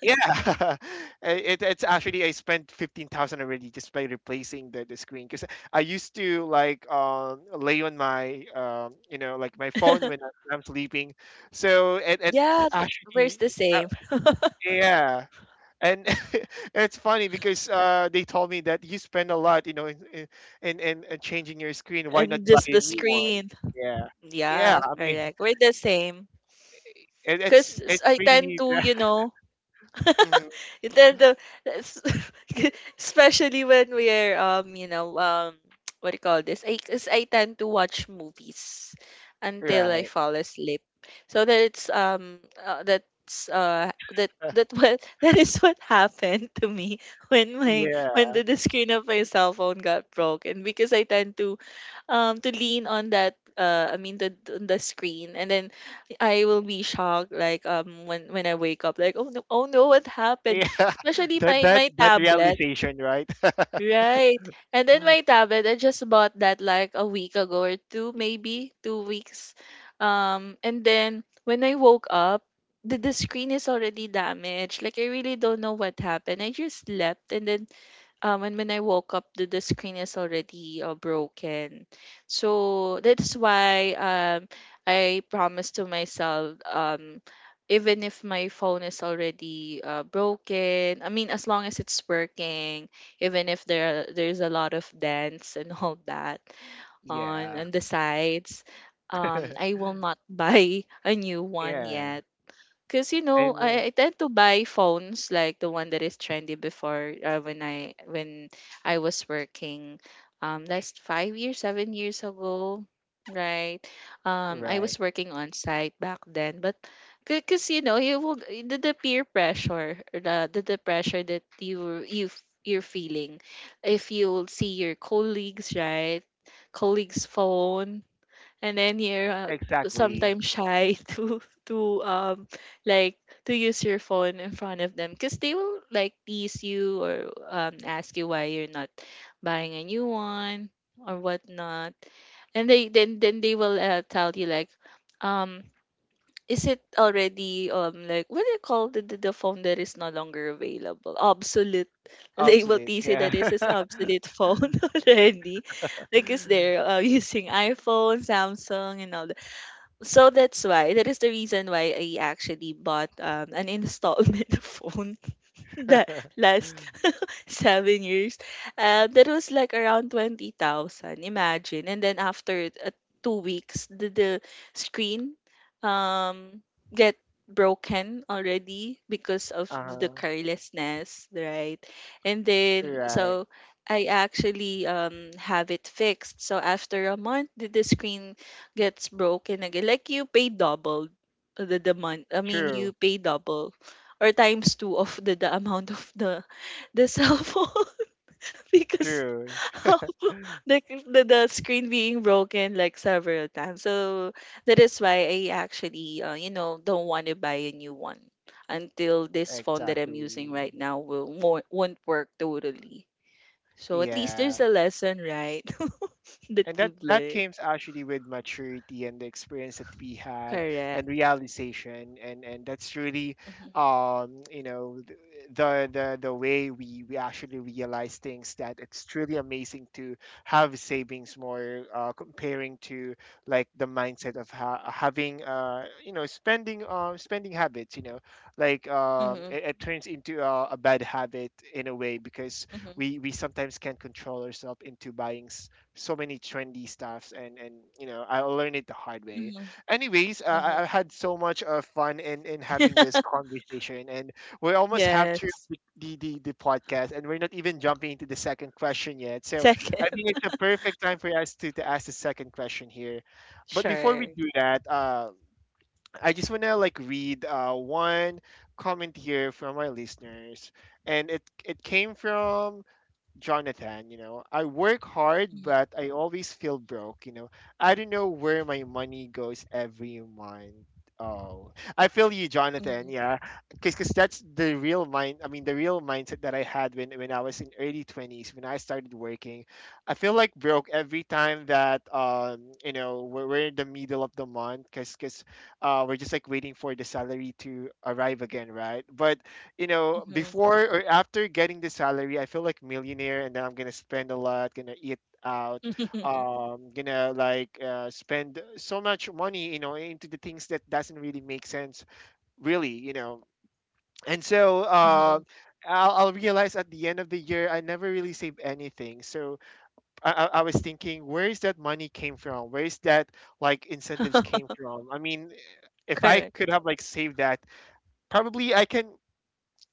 Speaker 1: yeah. It's actually I spent 15,000 already just by replacing the screen, because I used to like, lay on my, like my phone when when I'm sleeping, so it
Speaker 2: Yeah, we're the
Speaker 1: actually. uh,
Speaker 2: same.
Speaker 1: yeah. And it's funny because, they told me that you spend a lot, you know, in changing your screen. Why
Speaker 2: And
Speaker 1: not buy
Speaker 2: just
Speaker 1: a
Speaker 2: the
Speaker 1: new one?
Speaker 2: screen.
Speaker 1: Yeah. Yeah.
Speaker 2: Yeah,
Speaker 1: I mean,
Speaker 2: correct. We're the same.
Speaker 1: it, it's
Speaker 2: Because
Speaker 1: it's
Speaker 2: I tend
Speaker 1: really.
Speaker 2: to, you know,
Speaker 1: Mhm.
Speaker 2: then the s- especially when we're you know what do you call this? 'Cause I tend to watch movies until I
Speaker 1: Right.
Speaker 2: fall asleep. So that it's that's that
Speaker 1: Uh,
Speaker 2: that what that is what happened to me when my when
Speaker 1: Yeah.
Speaker 2: the screen of my cell phone got broken because I tend to lean on that the screen and then I will be shocked like when I wake up like oh no oh no what happened.
Speaker 1: Yeah.
Speaker 2: Especially
Speaker 1: That that
Speaker 2: may
Speaker 1: that
Speaker 2: tablet,
Speaker 1: realization, right?
Speaker 2: right. And then my tablet, I just bought that like a week ago or 2, maybe 2 weeks. And then when I woke up, the screen is already damaged. Like I really don't know what happened. I just slept and then and when I woke up the screen is already broken. So that's why I promised to myself even if my phone is already broken, I mean as long as it's working even if there's a lot of dents and all that
Speaker 1: Yeah.
Speaker 2: on the sides I will not buy a new one
Speaker 1: Yeah.
Speaker 2: yet because you know,
Speaker 1: And
Speaker 2: I tend to buy phones like the one that is trendy before when I was working, last 5 years, 7 years ago, right? I
Speaker 1: Right.
Speaker 2: was working on site back then, but because you know, you will the peer pressure, or the pressure that you're feeling, if you'll see your colleagues, right? Colleagues' phone and then you're
Speaker 1: Exactly.
Speaker 2: sometimes shy to to um like to use your phone in front of them because they will like tease you or ask you why you're not buying a new one or whatnot and they then they will tell you like um is it already like what do you call the phone that is no longer available, obsolete? They will
Speaker 1: Obsolete.
Speaker 2: tease you that
Speaker 1: Yeah.
Speaker 2: this is obsolete phone already because they're using iphone samsung and all. So that's why that is the reason why I actually bought an installment phone that last 7 years. That was like around 20,000. Imagine. And then after 2 weeks, the screen um, get broken already because of the
Speaker 1: Uh-huh.
Speaker 2: carelessness, right? And then,
Speaker 1: Right.
Speaker 2: so I actually have it fixed. So after a month, the screen gets broken again. Like you pay double the month. I mean, you
Speaker 1: True.
Speaker 2: pay double or times two of the amount of the cell phone because
Speaker 1: True.
Speaker 2: of the screen being broken like several times. So that is why I actually you know don't want to buy a new one until this phone that I'm using
Speaker 1: Exactly.
Speaker 2: right now will more won't work totally. So at least there's
Speaker 1: Yeah.
Speaker 2: a lesson, right? That
Speaker 1: And that
Speaker 2: we've
Speaker 1: that
Speaker 2: learned.
Speaker 1: came actually with maturity and the experience that we had, and
Speaker 2: Correct.
Speaker 1: realization, and that's really,
Speaker 2: Mhm.
Speaker 1: you know, the way we actually realize things, that it's truly amazing to have savings more, comparing to like the mindset of having, you know, spending, spending habits, you know, like,
Speaker 2: Mhm.
Speaker 1: it turns into a bad habit in a way, because
Speaker 2: Mhm.
Speaker 1: we sometimes can't control ourselves into buying so many trendy stuffs. And I learned it the hard way.
Speaker 2: Mhm.
Speaker 1: Anyways, I
Speaker 2: Mhm.
Speaker 1: had so much, fun in having this conversation, and we almost have to
Speaker 2: Yes.
Speaker 1: pick the podcast, and we're not even jumping into the second question yet. So I
Speaker 2: Second.
Speaker 1: think it's a perfect time for us to, ask the second question here. But before we
Speaker 2: Sure.
Speaker 1: do that, I just want to like read, one comment here from our listeners, and it came from Jonathan. You know, I work hard,
Speaker 2: Mhm.
Speaker 1: but I always feel broke. You know, I don't know where my money goes every month. Oh, I feel you, Jonathan.
Speaker 2: Mhm.
Speaker 1: Yeah, because that's the real mind. I mean, the real mindset that I had when I was in early 20s when I started working. I feel like broke every time that, you know, we're in the middle of the month, because we're just like waiting for the salary to arrive again, right? But you know,
Speaker 2: Mhm.
Speaker 1: before or after getting the salary, I feel like millionaire, and then I'm gonna spend a lot, gonna eat out, gonna like, spend so much money, you know, into the things that doesn't really make sense, really. And so,
Speaker 2: Mhm.
Speaker 1: I'll realize at the end of the year, I never really save anything. So I was thinking, where is that money came from? Where is that like incentives came from? I mean, if I
Speaker 2: Correct.
Speaker 1: could have like saved that, probably I can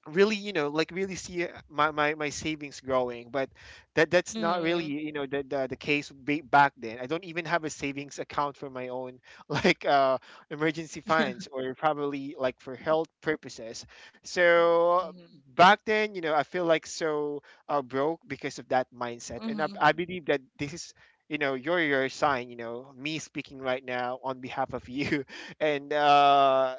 Speaker 1: really, you know, like really see, my savings growing. But that's not really,
Speaker 2: Mm.
Speaker 1: you know, the case back then. I don't even have a savings account for my own like, emergency funds, or probably like for health purposes. So
Speaker 2: Mhm.
Speaker 1: back then, you know, I feel like so, broke because of that mindset. And I,
Speaker 2: Mhm.
Speaker 1: I believe that this is, you know, your sign, you know, me speaking right now on behalf of you. And,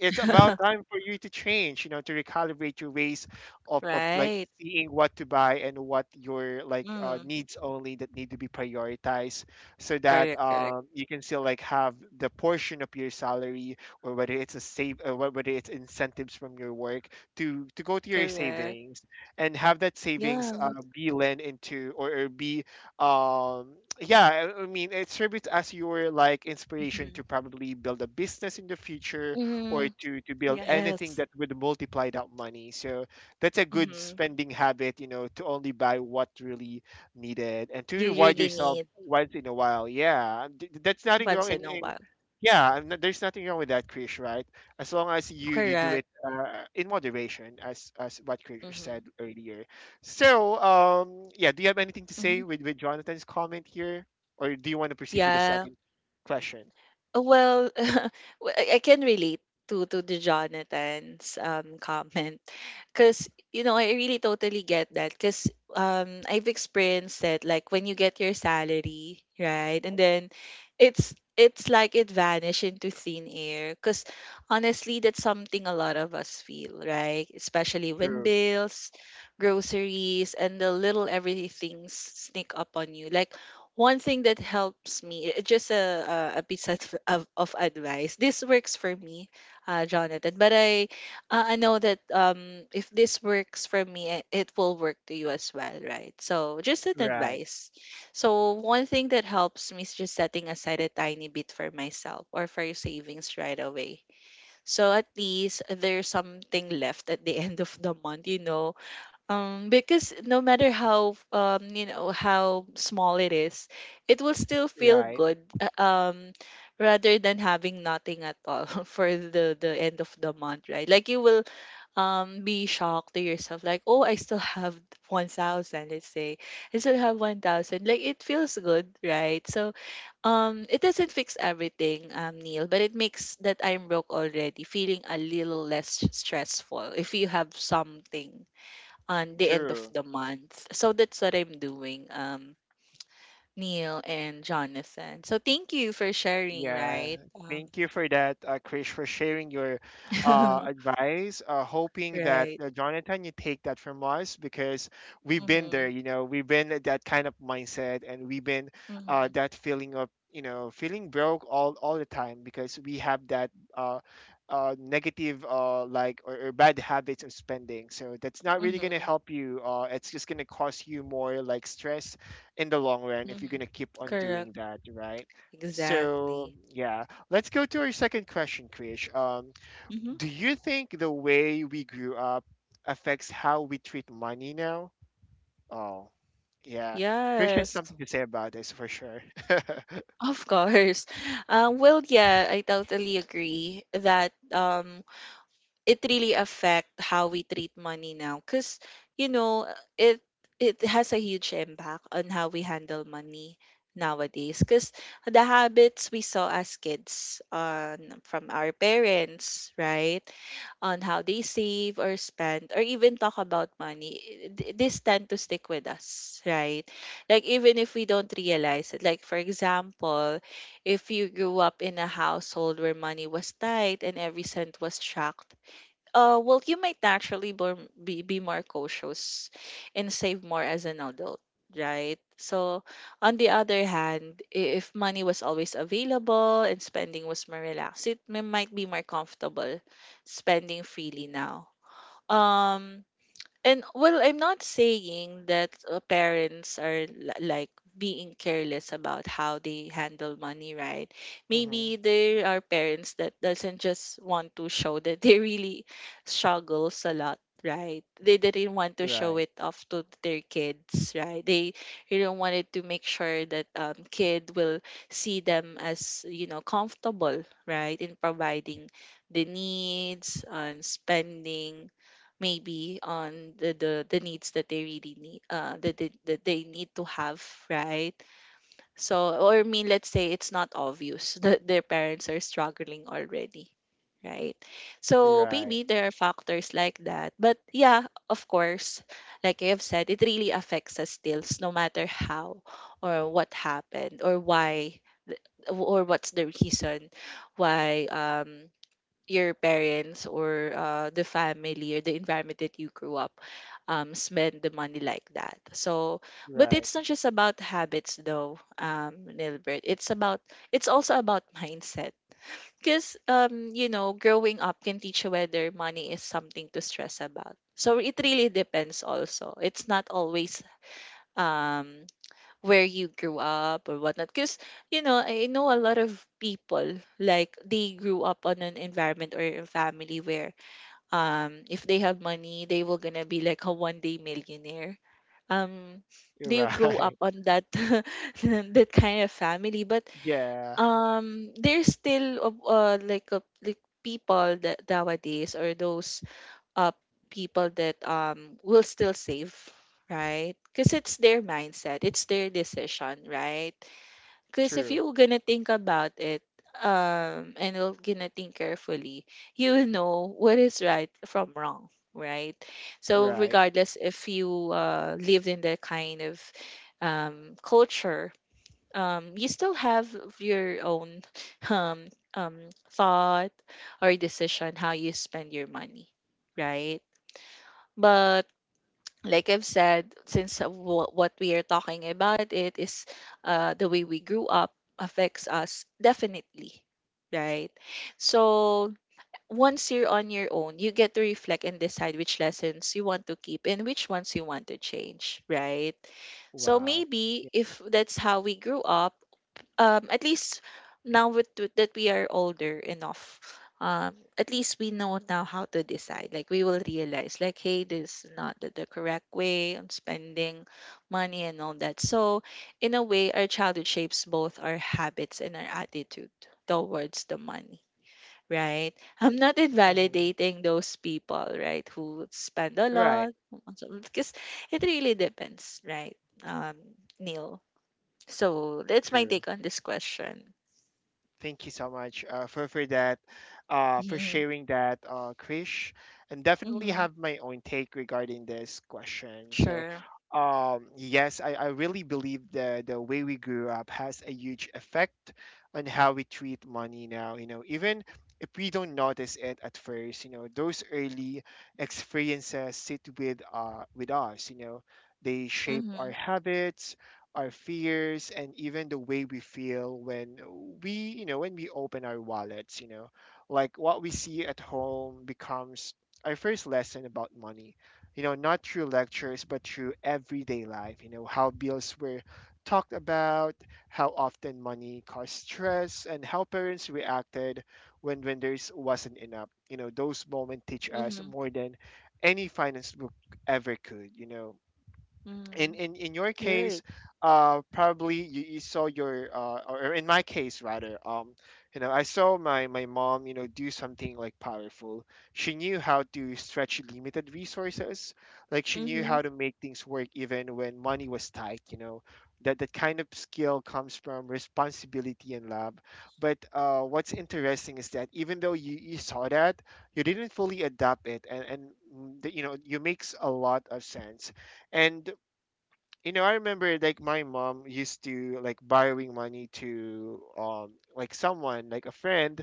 Speaker 1: it's about time for you to change, you know, to recalibrate your ways of like
Speaker 2: Right.
Speaker 1: seeing what to buy, and what your like,
Speaker 2: Mm.
Speaker 1: needs only that need to be prioritized, so that,
Speaker 2: Correct, correct.
Speaker 1: you can still like have the portion of your salary, or whether it's a save, whether it's incentives from your work, to go to your
Speaker 2: Correct.
Speaker 1: savings, and have that savings,
Speaker 2: Yeah.
Speaker 1: be lent into, or be, um yeah, I mean it serves as your like inspiration
Speaker 2: Mhm.
Speaker 1: to probably build a business in the future, or
Speaker 2: Mm.
Speaker 1: to build anything
Speaker 2: Yes.
Speaker 1: that would multiply that money. So that's a good
Speaker 2: Mhm.
Speaker 1: spending habit, you know, to only buy what really needed, and to
Speaker 2: You
Speaker 1: reward
Speaker 2: really
Speaker 1: yourself
Speaker 2: need
Speaker 1: once in a while. Yeah, that's nothing
Speaker 2: once
Speaker 1: wrong
Speaker 2: in
Speaker 1: in,
Speaker 2: a
Speaker 1: in
Speaker 2: while.
Speaker 1: yeah, and there's nothing wrong with that, Krish, right? As long as you do
Speaker 2: Correct.
Speaker 1: it, in moderation, as what Krish
Speaker 2: Mhm.
Speaker 1: said earlier. So, yeah, do you have anything to say
Speaker 2: Mhm.
Speaker 1: with Jonathan's comment here? Or do you want to proceed with the
Speaker 2: Yeah.
Speaker 1: second question?
Speaker 2: Well, well, I can relate to the Jonathan's comment because you know I really totally get that because I've experienced that like when you get your salary right and then it's it's like it vanished into thin air because honestly that's something a lot of us feel right especially when
Speaker 1: True.
Speaker 2: bills groceries and the little everythings sneak up on you like one thing that helps me just a piece of advice this works for me jonathan but I know that if this works for me it will work to you as well right so just an
Speaker 1: Right.
Speaker 2: advice so one thing that helps me is just setting aside a tiny bit for myself or for savings right away so at least there's something left at the end of the month you know because no matter how you know how small it is, it will still feel
Speaker 1: Right.
Speaker 2: good rather than having nothing at all for the end of the month, right? Like you will be shocked to yourself, like, oh, I still have 1,000, let's say. I still have 1,000. Like it feels good, right? So it doesn't fix everything, Neil, but it makes that I'm broke already feeling a little less stressful if you have something on the end of
Speaker 1: True.
Speaker 2: the month. So that's what I'm doing, Neil and Jonathan. So thank you for sharing,
Speaker 1: Yeah,
Speaker 2: right?
Speaker 1: thank you for that, Krish, for sharing your, advice. Hoping that,
Speaker 2: Right.
Speaker 1: Jonathan, you take that from us, because we've been
Speaker 2: Mm-hmm.
Speaker 1: there. You know, we've been at that kind of mindset, and we've been,
Speaker 2: Mm-hmm.
Speaker 1: that feeling of, you know, feeling broke all the time, because we have that, uh, negative, like, or, bad habits of spending. So that's not really gonna
Speaker 2: Mm-hmm.
Speaker 1: help you. It's just gonna cause you more like stress in the long run, if you're
Speaker 2: Mm-hmm.
Speaker 1: gonna keep on
Speaker 2: Correct.
Speaker 1: doing that, right? So
Speaker 2: Exactly.
Speaker 1: yeah, let's go to our second question, Krish.
Speaker 2: Mm-hmm.
Speaker 1: Do you think the way we grew up affects how we treat money now? Oh, yeah. Krish has
Speaker 2: Yes.
Speaker 1: something to say about this for sure.
Speaker 2: Of course. Well, yeah, I totally agree that it really affect how we treat money now because you know uh, it it has a huge impact on how we handle money nowadays, because the habits we saw as kids on from our parents, right, on how they save or spend or even talk about money, this tend to stick with us, right, like even if we don't realize it, like for example, if you grew up in a household where money was tight and every cent was tracked, well, you might naturally be more cautious and save more as an adult, right? So, on the other hand, if money was always available and spending was more relaxed, might be more comfortable spending freely now. Um, and well, I'm not saying that parents are like being careless about how they handle money, right? Maybe
Speaker 1: Hmm.
Speaker 2: there are parents that doesn't just want to show that they really struggles a lot, right? They didn't want to show
Speaker 1: Right,
Speaker 2: it off to their kids, right? They really wanted to make sure that kid will see them as comfortable, right, in providing the needs and spending maybe on the needs that they really need, that they need to have, right. So, or I mean, let's say it's not obvious that their parents are struggling already, right? So
Speaker 1: right,
Speaker 2: maybe there are factors like that. But yeah, of course, like I have said, it really affects us still, no matter how or what happened or why, th- or what's the reason why your parents or the family or the environment that you grew up spend the money like that. So, but
Speaker 1: right,
Speaker 2: it's not just about habits though, Nilbert. It's also about mindset. Because growing up can teach you whether money is something to stress about. So it really depends. Also, it's not always um where you grew up or whatnot. Because, I know a lot of people, like, they grew up on an environment or a family where, if they have money, they will gonna be like a one-day millionaire. Um, they grow up
Speaker 1: right.
Speaker 2: on that that kind of family, but
Speaker 1: Yeah,
Speaker 2: there's still like a, like people that nowadays, or those uh, people that will still save, right? Because it's their mindset, it's their decision, right? Because if
Speaker 1: true.
Speaker 2: you're gonna think about it, and you're gonna think carefully, you will know what is right from wrong, right? So
Speaker 1: Right.
Speaker 2: regardless if you live in that kind of culture, you still have your own thought or decision how you spend your money, right? But like I've said, since what we are talking about it is the way we grew up affects us definitely, right? So once you're on your own, you get to reflect and decide which lessons you want to keep and which ones you want to change, right? So
Speaker 1: Wow.
Speaker 2: maybe
Speaker 1: Yeah.
Speaker 2: if that's how we grew up, at least now, with that we are older enough, at least we know now how to decide, like we will realize, like, hey, this is not the correct way on spending money and all that. So in a way, our childhood shapes both our habits and our attitude towards the money, right? I'm not
Speaker 1: Hmm.
Speaker 2: invalidating those people, right, who spend a
Speaker 1: Right.
Speaker 2: lot, because it really depends, right. um Neil, so that's my
Speaker 1: True.
Speaker 2: take on this question.
Speaker 1: Thank you so much, for that, for
Speaker 2: Mhm.
Speaker 1: sharing that, Krish, and definitely
Speaker 2: Mhm.
Speaker 1: have my own take regarding this question. So,
Speaker 2: Sure.
Speaker 1: yes, I really believe the way we grew up has a huge effect on how we treat money now. You know, even if we don't notice it at first, you know, those early experiences sit with, with us. You know, they shape our
Speaker 2: Mhm.
Speaker 1: habits, our fears, and even the way we feel when we you know when we open our wallets, you know, like what we see at home becomes our first lesson about money, you know, not through lectures but through everyday life. You know, how bills were talked about, how often money caused stress, and how parents reacted when there's wasn't enough. You know, those moments teach us
Speaker 2: Mhm.
Speaker 1: more than any finance book ever could, you know. in
Speaker 2: Mhm.
Speaker 1: in in your case,
Speaker 2: Right.
Speaker 1: probably you saw your, or in my case rather, you know, I saw my mom, you know, do something like powerful. She knew how to stretch limited resources, like she knew
Speaker 2: Mhm.
Speaker 1: how to make things work even when money was tight, you know. That that kind of skill comes from responsibility and love. But, what's interesting is that even though you saw that, you didn't fully adapt it. And you know, you makes a lot of sense. And you know, I remember like my mom used to like borrowing money to, like someone like a friend.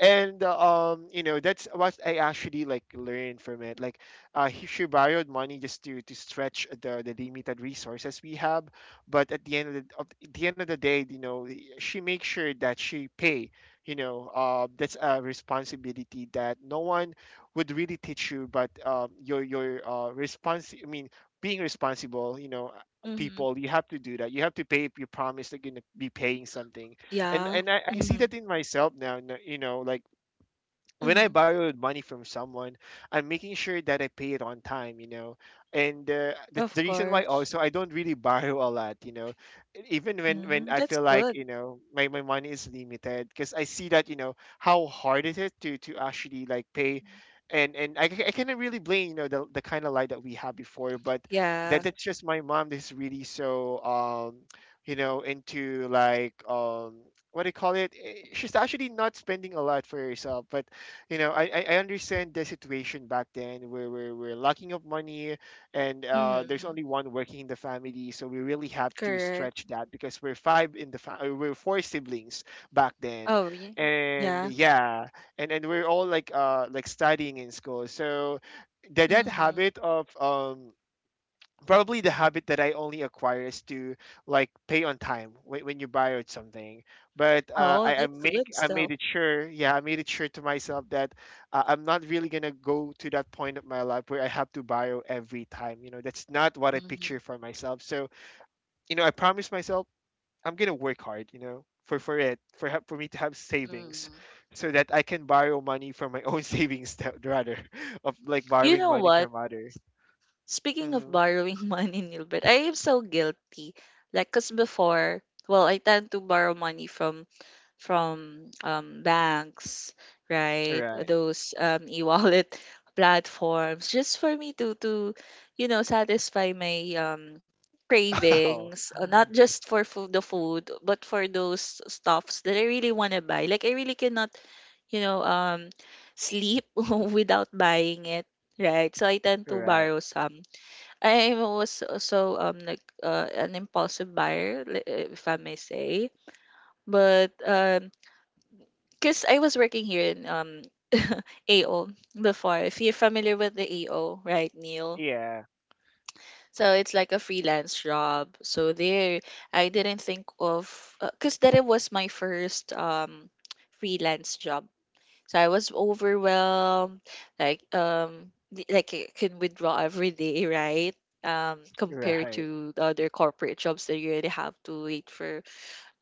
Speaker 1: And, you know, that's what I actually like learned from it, like, she borrowed money just to stretch the limited resources we have. But at the end of at the end of the day, you know, she makes sure that she pay, you know. That's a responsibility that no one would really teach you. But, your response, I mean being responsible, you know,
Speaker 2: Mhm.
Speaker 1: people, you have to do that. You have to pay if you promise that you're going to be paying something. And
Speaker 2: Yeah.
Speaker 1: I see that
Speaker 2: Mhm.
Speaker 1: in myself now, you know, like when I
Speaker 2: Mhm.
Speaker 1: borrow money from someone, I'm making sure that I pay it on time, you know. And that's
Speaker 2: Of
Speaker 1: the reason why
Speaker 2: course.
Speaker 1: also I don't really borrow a lot, you know. Even when
Speaker 2: Mm,
Speaker 1: I
Speaker 2: that's
Speaker 1: feel like,
Speaker 2: good.
Speaker 1: you know, my money is limited, because I see that, you know, how hard it is to actually like pay. I cannot really blame, you know, the kind of life that we had before. But that
Speaker 2: Yeah.
Speaker 1: that's just my mom, that's really so, you know, into like, what do you call it. Eh, she's actually not spending a lot for herself. But you know, I understand the situation back then, where we're lacking of money, and, there's
Speaker 2: Mhm.
Speaker 1: only one working in the family. So we really have to
Speaker 2: Correct.
Speaker 1: stretch that, because we're five in the family. We're four siblings back then.
Speaker 2: Oh, yeah.
Speaker 1: And
Speaker 2: Yeah.
Speaker 1: yeah, and we're all like studying in school. So that
Speaker 2: Mhm.
Speaker 1: habit of, probably the habit that I only acquire is to like pay on time when you buy something. But
Speaker 2: Oh, that's good
Speaker 1: I
Speaker 2: stuff.
Speaker 1: made it sure, yeah, I made it sure to myself that I'm not really gonna go to that point of my life where I have to borrow every time. You know, that's not what I
Speaker 2: Mhm.
Speaker 1: picture for myself. So you know, I promised myself I'm gonna work hard. You know. For it for ha- for me to have savings
Speaker 2: Mm.
Speaker 1: so that I can borrow money from my own savings rather of like
Speaker 2: You
Speaker 1: borrowing
Speaker 2: know
Speaker 1: money
Speaker 2: what?
Speaker 1: from other.
Speaker 2: Speaking of
Speaker 1: Mm-hmm.
Speaker 2: borrowing money, Nilbert, I am so guilty. Like, cause before, well, I tend to borrow money from banks, right?
Speaker 1: Right.
Speaker 2: Those e-wallet platforms, just for me to satisfy my
Speaker 1: Oh.
Speaker 2: cravings, not just for food, the food, but for those stuffs that I really want to buy. Like, I really cannot, you know, um, sleep without buying it, right? So I tend to
Speaker 1: Right.
Speaker 2: borrow some. I was also like an impulsive buyer, if I may say. But cause I was working here in AO before. If you're familiar with the AO, right, Neil?
Speaker 1: Yeah.
Speaker 2: So it's like a freelance job. So there, I didn't think of, 'cause that it was my first freelance job. So I was overwhelmed, like like I can withdraw every day, right? Compared
Speaker 1: Right.
Speaker 2: to the other corporate jobs that you really have to wait for,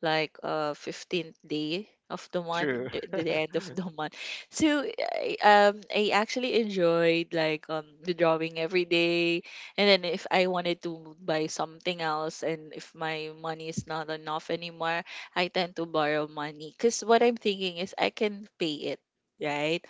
Speaker 2: like 15th day of the month,
Speaker 1: True.
Speaker 2: the end of the month. So I actually enjoyed like the drawing every day. And then if I wanted to buy something else and if my money is not enough anymore, I tend to borrow money, because what I'm thinking is I can pay it, right?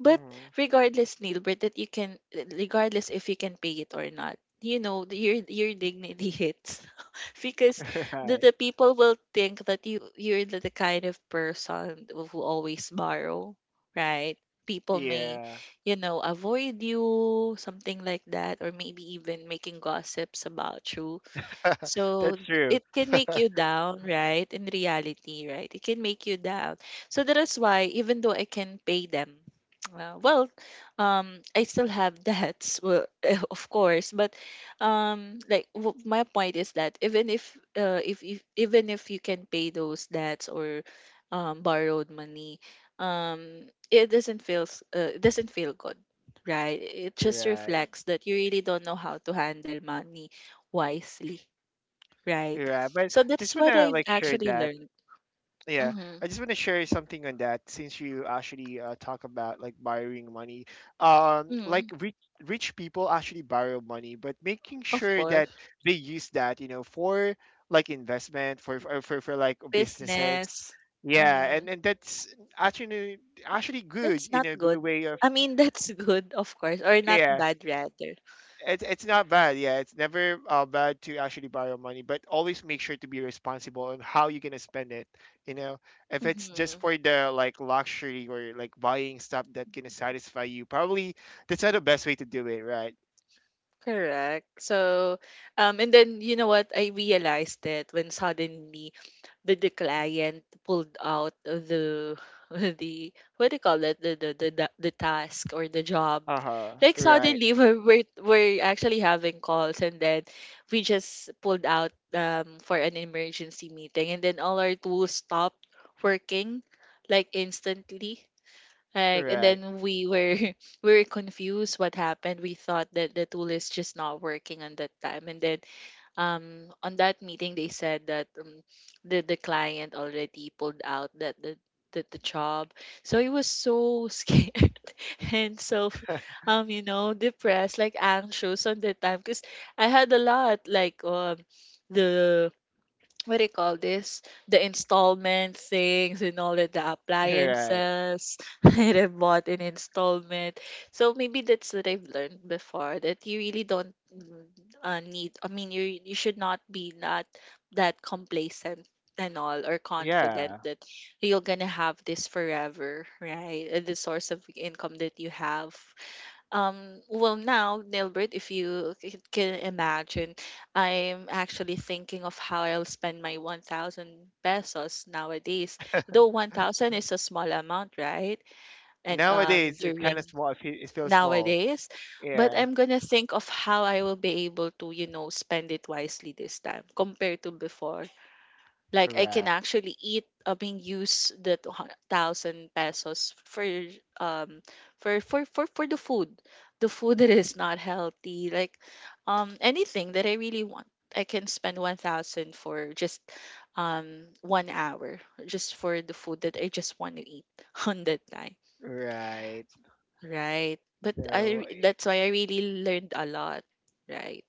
Speaker 2: But
Speaker 1: Hmm.
Speaker 2: regardless, Nilbert, that you can, regardless if you can pay it or not, your dignity hits because the,
Speaker 1: Right.
Speaker 2: the people will think that you're the kind of person who always borrow, right? People may,
Speaker 1: Yeah.
Speaker 2: avoid you, something like that, or maybe even making gossips about you. So
Speaker 1: That's true.
Speaker 2: it can make you down, right? In reality, right? It can make you down. So that is why, even though I can pay them, well, I still have debts, well, of course. But like my point is that even if you can pay those debts or borrowed money, um, it doesn't feel good, right? It just
Speaker 1: Right.
Speaker 2: reflects that you really don't know how to handle money wisely. Right.
Speaker 1: Right. But
Speaker 2: So
Speaker 1: just
Speaker 2: that's what
Speaker 1: wanna
Speaker 2: I've
Speaker 1: like share
Speaker 2: actually
Speaker 1: that.
Speaker 2: learned.
Speaker 1: Yeah.
Speaker 2: Mm-hmm.
Speaker 1: I just wanna share something on that since you actually talk about like borrowing money. Like
Speaker 2: Mm-hmm.
Speaker 1: rich people actually borrow money, but making
Speaker 2: Of
Speaker 1: sure that
Speaker 2: course.
Speaker 1: they use that, you know, for like investment, for like businesses.
Speaker 2: Business.
Speaker 1: Yeah, and,
Speaker 2: Mm.
Speaker 1: and that's actually good,
Speaker 2: That's
Speaker 1: you
Speaker 2: not
Speaker 1: know, good
Speaker 2: good.
Speaker 1: way of.
Speaker 2: I mean, that's good, of course, or not
Speaker 1: Yeah.
Speaker 2: bad, rather.
Speaker 1: It's not bad. Yeah, it's never bad to actually borrow money, but always make sure to be responsible on how you're gonna spend it. You know, if it's just
Speaker 2: Mm-hmm.
Speaker 1: for the like luxury or like buying stuff that gonna satisfy you, probably that's not the best way to do it, right?
Speaker 2: Correct. So, and then, you know what? I realized that when suddenly the client pulled out the the, what do you call it, the task or the job,
Speaker 1: Uh huh.
Speaker 2: like
Speaker 1: Right.
Speaker 2: suddenly we're actually having calls and then we just pulled out for an emergency meeting, and then all our tools stopped working, like instantly, like, and
Speaker 1: Right.
Speaker 2: then we were we were confused what happened. We thought that the tool is just not working on that time, and then, on that meeting they said that, the client already pulled out, that the, the job. So he was so scared, and so, depressed, like anxious on that time, because I had a lot, like, the, what do you call this? The installment things and all of the
Speaker 1: Right.
Speaker 2: appliances that I bought in installment. So maybe that's what I've learned before, that you really don't need. I mean, you should not be not that complacent and all, or confident
Speaker 1: Yeah.
Speaker 2: that you're gonna have this forever, right? The source of income that you have. Well, now, Nilbert, if you can imagine, I'm actually thinking of how I'll spend my 1,000 pesos nowadays. Though 1,000 is a small amount, right? And
Speaker 1: Nowadays, it's kind of
Speaker 2: during
Speaker 1: small. It feels small.
Speaker 2: nowadays, but
Speaker 1: Yeah.
Speaker 2: I'm gonna think of how I will be able to, spend it wisely this time compared to before. Like I
Speaker 1: Right.
Speaker 2: can actually eat, I mean, use the 2,000 pesos for, um for for for for the food, the food that is not healthy. Like anything that I really want, I can spend 1,000 for just 1 hour, just for the food that I just want to eat on that night,
Speaker 1: Right.
Speaker 2: right? But
Speaker 1: So.
Speaker 2: that's why I really learned a lot, right?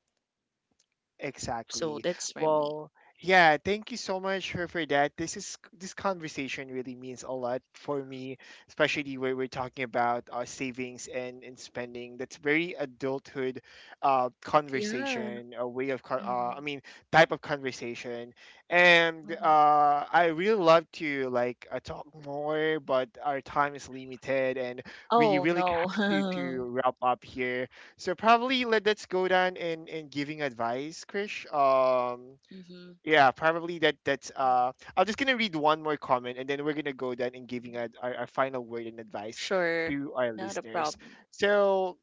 Speaker 2: So
Speaker 1: Exactly.
Speaker 2: that's for me.
Speaker 1: Well, yeah, thank you so much for that. This conversation really means a lot for me, especially where we're talking about savings and spending. That's very adulthood
Speaker 2: Yeah.
Speaker 1: conversation, a way of,
Speaker 2: Hmm.
Speaker 1: I mean, type of conversation. And
Speaker 2: Hmm.
Speaker 1: I really love to like talk more, but our time is limited and we
Speaker 2: Oh
Speaker 1: really
Speaker 2: no.
Speaker 1: have to wrap up here. So probably let's go down and giving advice, Krish.
Speaker 2: Mm-hmm.
Speaker 1: Yeah, probably that that's
Speaker 2: Mhm.
Speaker 1: I'm just gonna read one more comment and then we're gonna go down and giving our final word and advice
Speaker 2: Sure.
Speaker 1: to our
Speaker 2: Not a
Speaker 1: listeners.
Speaker 2: problem.
Speaker 1: So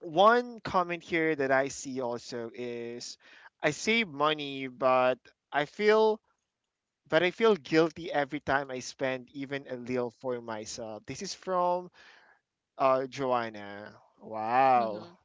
Speaker 1: one comment here that I see also is, I save money, I feel but I feel guilty every time I spend even a little for myself. This is from Joanna. Wow.
Speaker 2: Mm-hmm.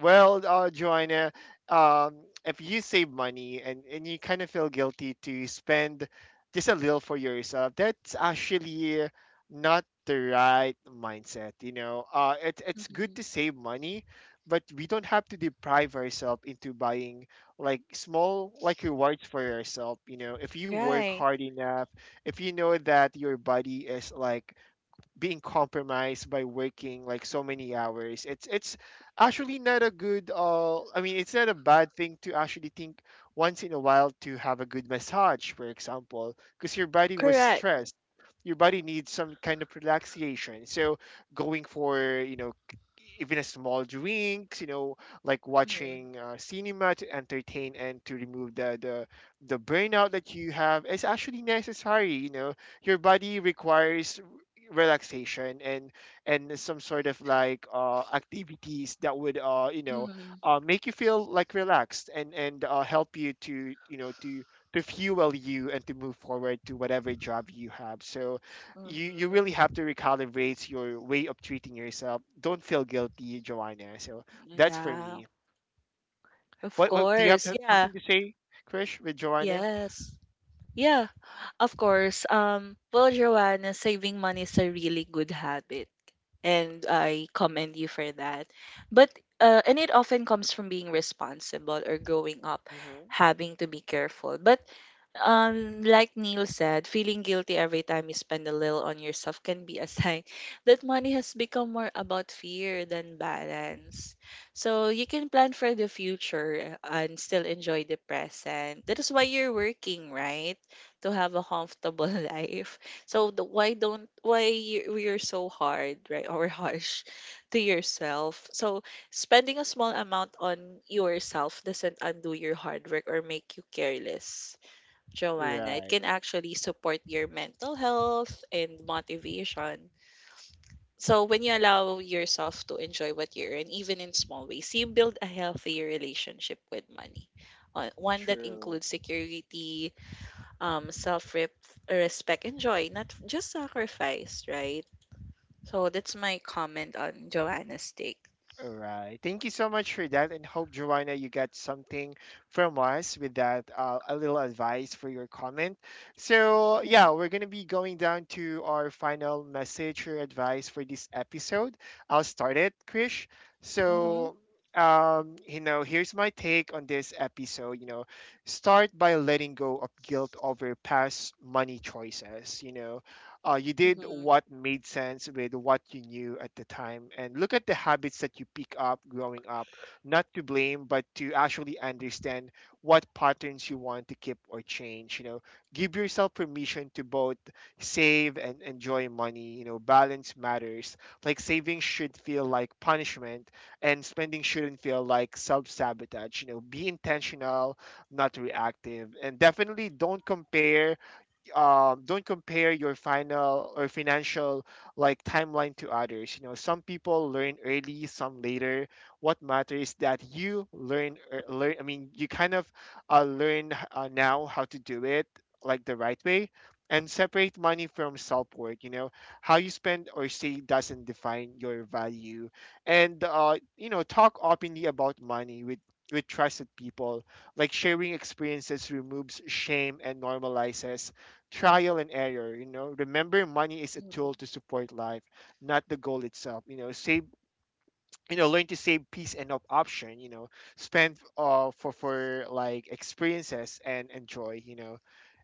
Speaker 1: Well, Joanna, um, if you save money and you kind of feel guilty to spend just a little for yourself, that's actually not the right mindset. You know, it's good
Speaker 2: Mm-hmm.
Speaker 1: to save money, but we don't have to deprive ourselves into buying like small like rewards for yourself. You know, if you work
Speaker 2: Right.
Speaker 1: hard enough, if you know that your body is like being compromised by working like so many hours, it's actually not a good, I mean, it's not a bad thing to actually think once in a while, to have a good massage, for example, because your body was
Speaker 2: Correct.
Speaker 1: stressed, your body needs some kind of relaxation. So going for, you know, even a small drinks, you know, like
Speaker 2: Mm-hmm.
Speaker 1: watching cinema to entertain and to remove the burnout that you have, is actually necessary. You know, your body requires relaxation, and some sort of like activities that would, you know,
Speaker 2: Mm-hmm.
Speaker 1: make you feel like relaxed, and help you to, you know, to fuel you and to move forward to whatever job you have. So you
Speaker 2: Mm-hmm.
Speaker 1: really have to recalibrate your way of treating yourself. Don't feel guilty, Joanna. So that's for
Speaker 2: Yeah.
Speaker 1: me.
Speaker 2: Of
Speaker 1: What do you have
Speaker 2: course. Yeah.
Speaker 1: something to say, Krish, with Joanna?
Speaker 2: Yes. Yeah, of course. Well, Joanna, saving money is a really good habit, and I commend you for that. But and it often comes from being responsible or growing up,
Speaker 1: Hmm.
Speaker 2: having to be careful. But like Neil said, feeling guilty every time you spend a little on yourself can be a sign that money has become more about fear than balance. So you can plan for the future and still enjoy the present. That is why you're working, right, to have a comfortable life. So, the, why don't why you, you're so hard, right, or harsh to yourself? So spending a small amount on yourself doesn't undo your hard work or make you careless, Joanna. It
Speaker 1: Right.
Speaker 2: can actually support your mental health and motivation. So when you allow yourself to enjoy what you earn, even in small ways, you build a healthier relationship with money. One that
Speaker 1: True.
Speaker 2: includes security, self respect and joy, not just sacrifice, right? So that's my comment on Joanna's take.
Speaker 1: All right. Thank you so much for that, and hope, Joanna, you got something from us with that a little advice for your comment. So
Speaker 2: Mm-hmm.
Speaker 1: yeah, we're gonna be going down to our final message or advice for this episode. I'll start it, Krish.
Speaker 2: Mm-hmm.
Speaker 1: So you know, here's my take on this episode. You know, start by letting go of guilt over past money choices. You know, you did
Speaker 2: Mm-hmm.
Speaker 1: what made sense with what you knew at the time, and look at the habits that you pick up growing up, not to blame, but to actually understand what patterns you want to keep or change. You know, give yourself permission to both save and enjoy money. You know, balance matters, like saving should feel like punishment and spending shouldn't feel like self-sabotage. You know, be intentional, not reactive, and definitely don't compare. Don't compare your final or financial like timeline to others. You know, some people learn early, some later. What matters is that you learn, learn. I mean, you kind of learn now how to do it like the right way, and separate money from self worth. You know, how you spend or save doesn't define your value. And you know, talk openly about money with trusted people, like sharing experiences removes shame and normalizes trial and error. You know, remember, money is a tool to
Speaker 2: Hmm.
Speaker 1: support life, not the goal itself. You know, save, you know, learn to save peace and option, you know. Spend for like experiences and enjoy, you know.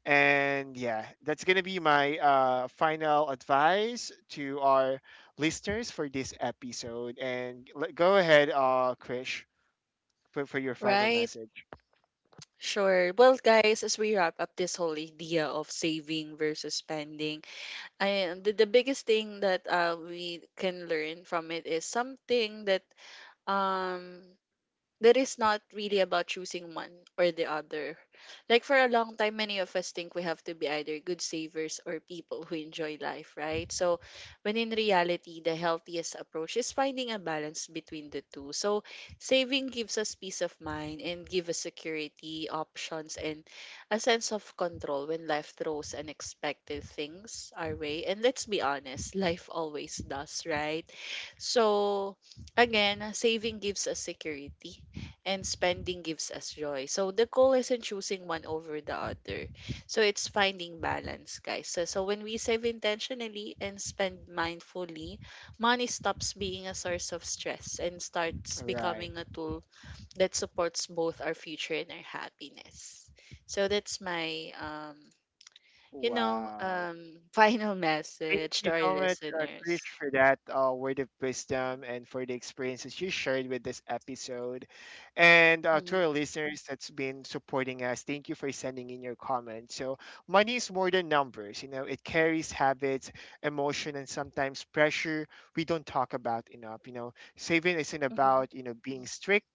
Speaker 1: And yeah, that's gonna be my final advice to our listeners for this episode. And go ahead, Krish, for your final
Speaker 2: Right.
Speaker 1: message.
Speaker 2: Sure. Well, guys, as we wrap up this whole idea of saving versus spending, the biggest thing that we can learn from it is something that, um that is not really about choosing one or the other. Like for a long time, many of us think we have to be either good savers or people who enjoy life, right? So, when in reality, the healthiest approach is finding a balance between the two. So, saving gives us peace of mind and give us security, options, and a sense of control when life throws unexpected things our way. And let's be honest, life always does, right? So, again, saving gives us security and spending gives us joy. So the goal isn't choosing one over the other. So it's finding balance, guys. So, when we save intentionally and spend mindfully, money stops being a source of stress and starts
Speaker 1: Right.
Speaker 2: becoming a tool that supports both our future and our happiness. So that's my
Speaker 1: Wow.
Speaker 2: final
Speaker 1: Thank
Speaker 2: message to
Speaker 1: you
Speaker 2: our
Speaker 1: so much,
Speaker 2: listeners.
Speaker 1: Krish, for that word of wisdom and for the experiences you shared with this episode. And to
Speaker 2: Mhm,
Speaker 1: our listeners that's been supporting us, thank you for sending in your comments. So money is more than numbers, you know, it carries habits, emotion, and sometimes pressure we don't talk about enough. You know, saving isn't
Speaker 2: mhm,
Speaker 1: about, you know, being strict.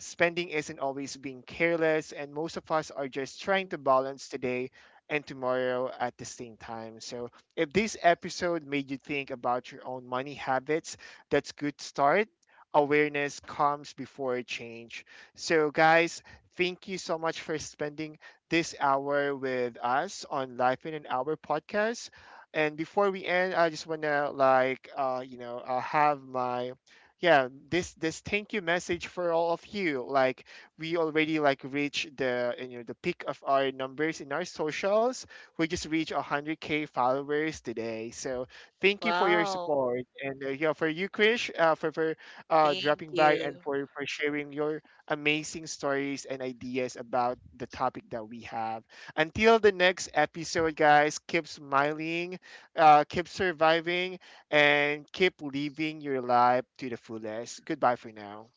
Speaker 1: Spending isn't always being careless, and most of us are just trying
Speaker 2: mhm.
Speaker 1: to balance today and tomorrow at the same time. So if this episode made you think about your own money habits, that's good start. Awareness comes before change. So guys, thank you so much for spending this hour with us on Life in an Hour podcast. And before we end, I just want to like, you know, have my yeah this thank you message for all of you. Like we already like reached the, you know, the peak of our numbers in our socials. We just reached 100K followers today, so thank you for your
Speaker 2: Wow.
Speaker 1: support. And yeah, for you, Krish, for
Speaker 2: Thank
Speaker 1: dropping by and
Speaker 2: you.
Speaker 1: for sharing your amazing stories and ideas about the topic that we have. Until the next episode, guys, keep smiling, keep surviving, and keep living your life to the fullest. Goodbye for now.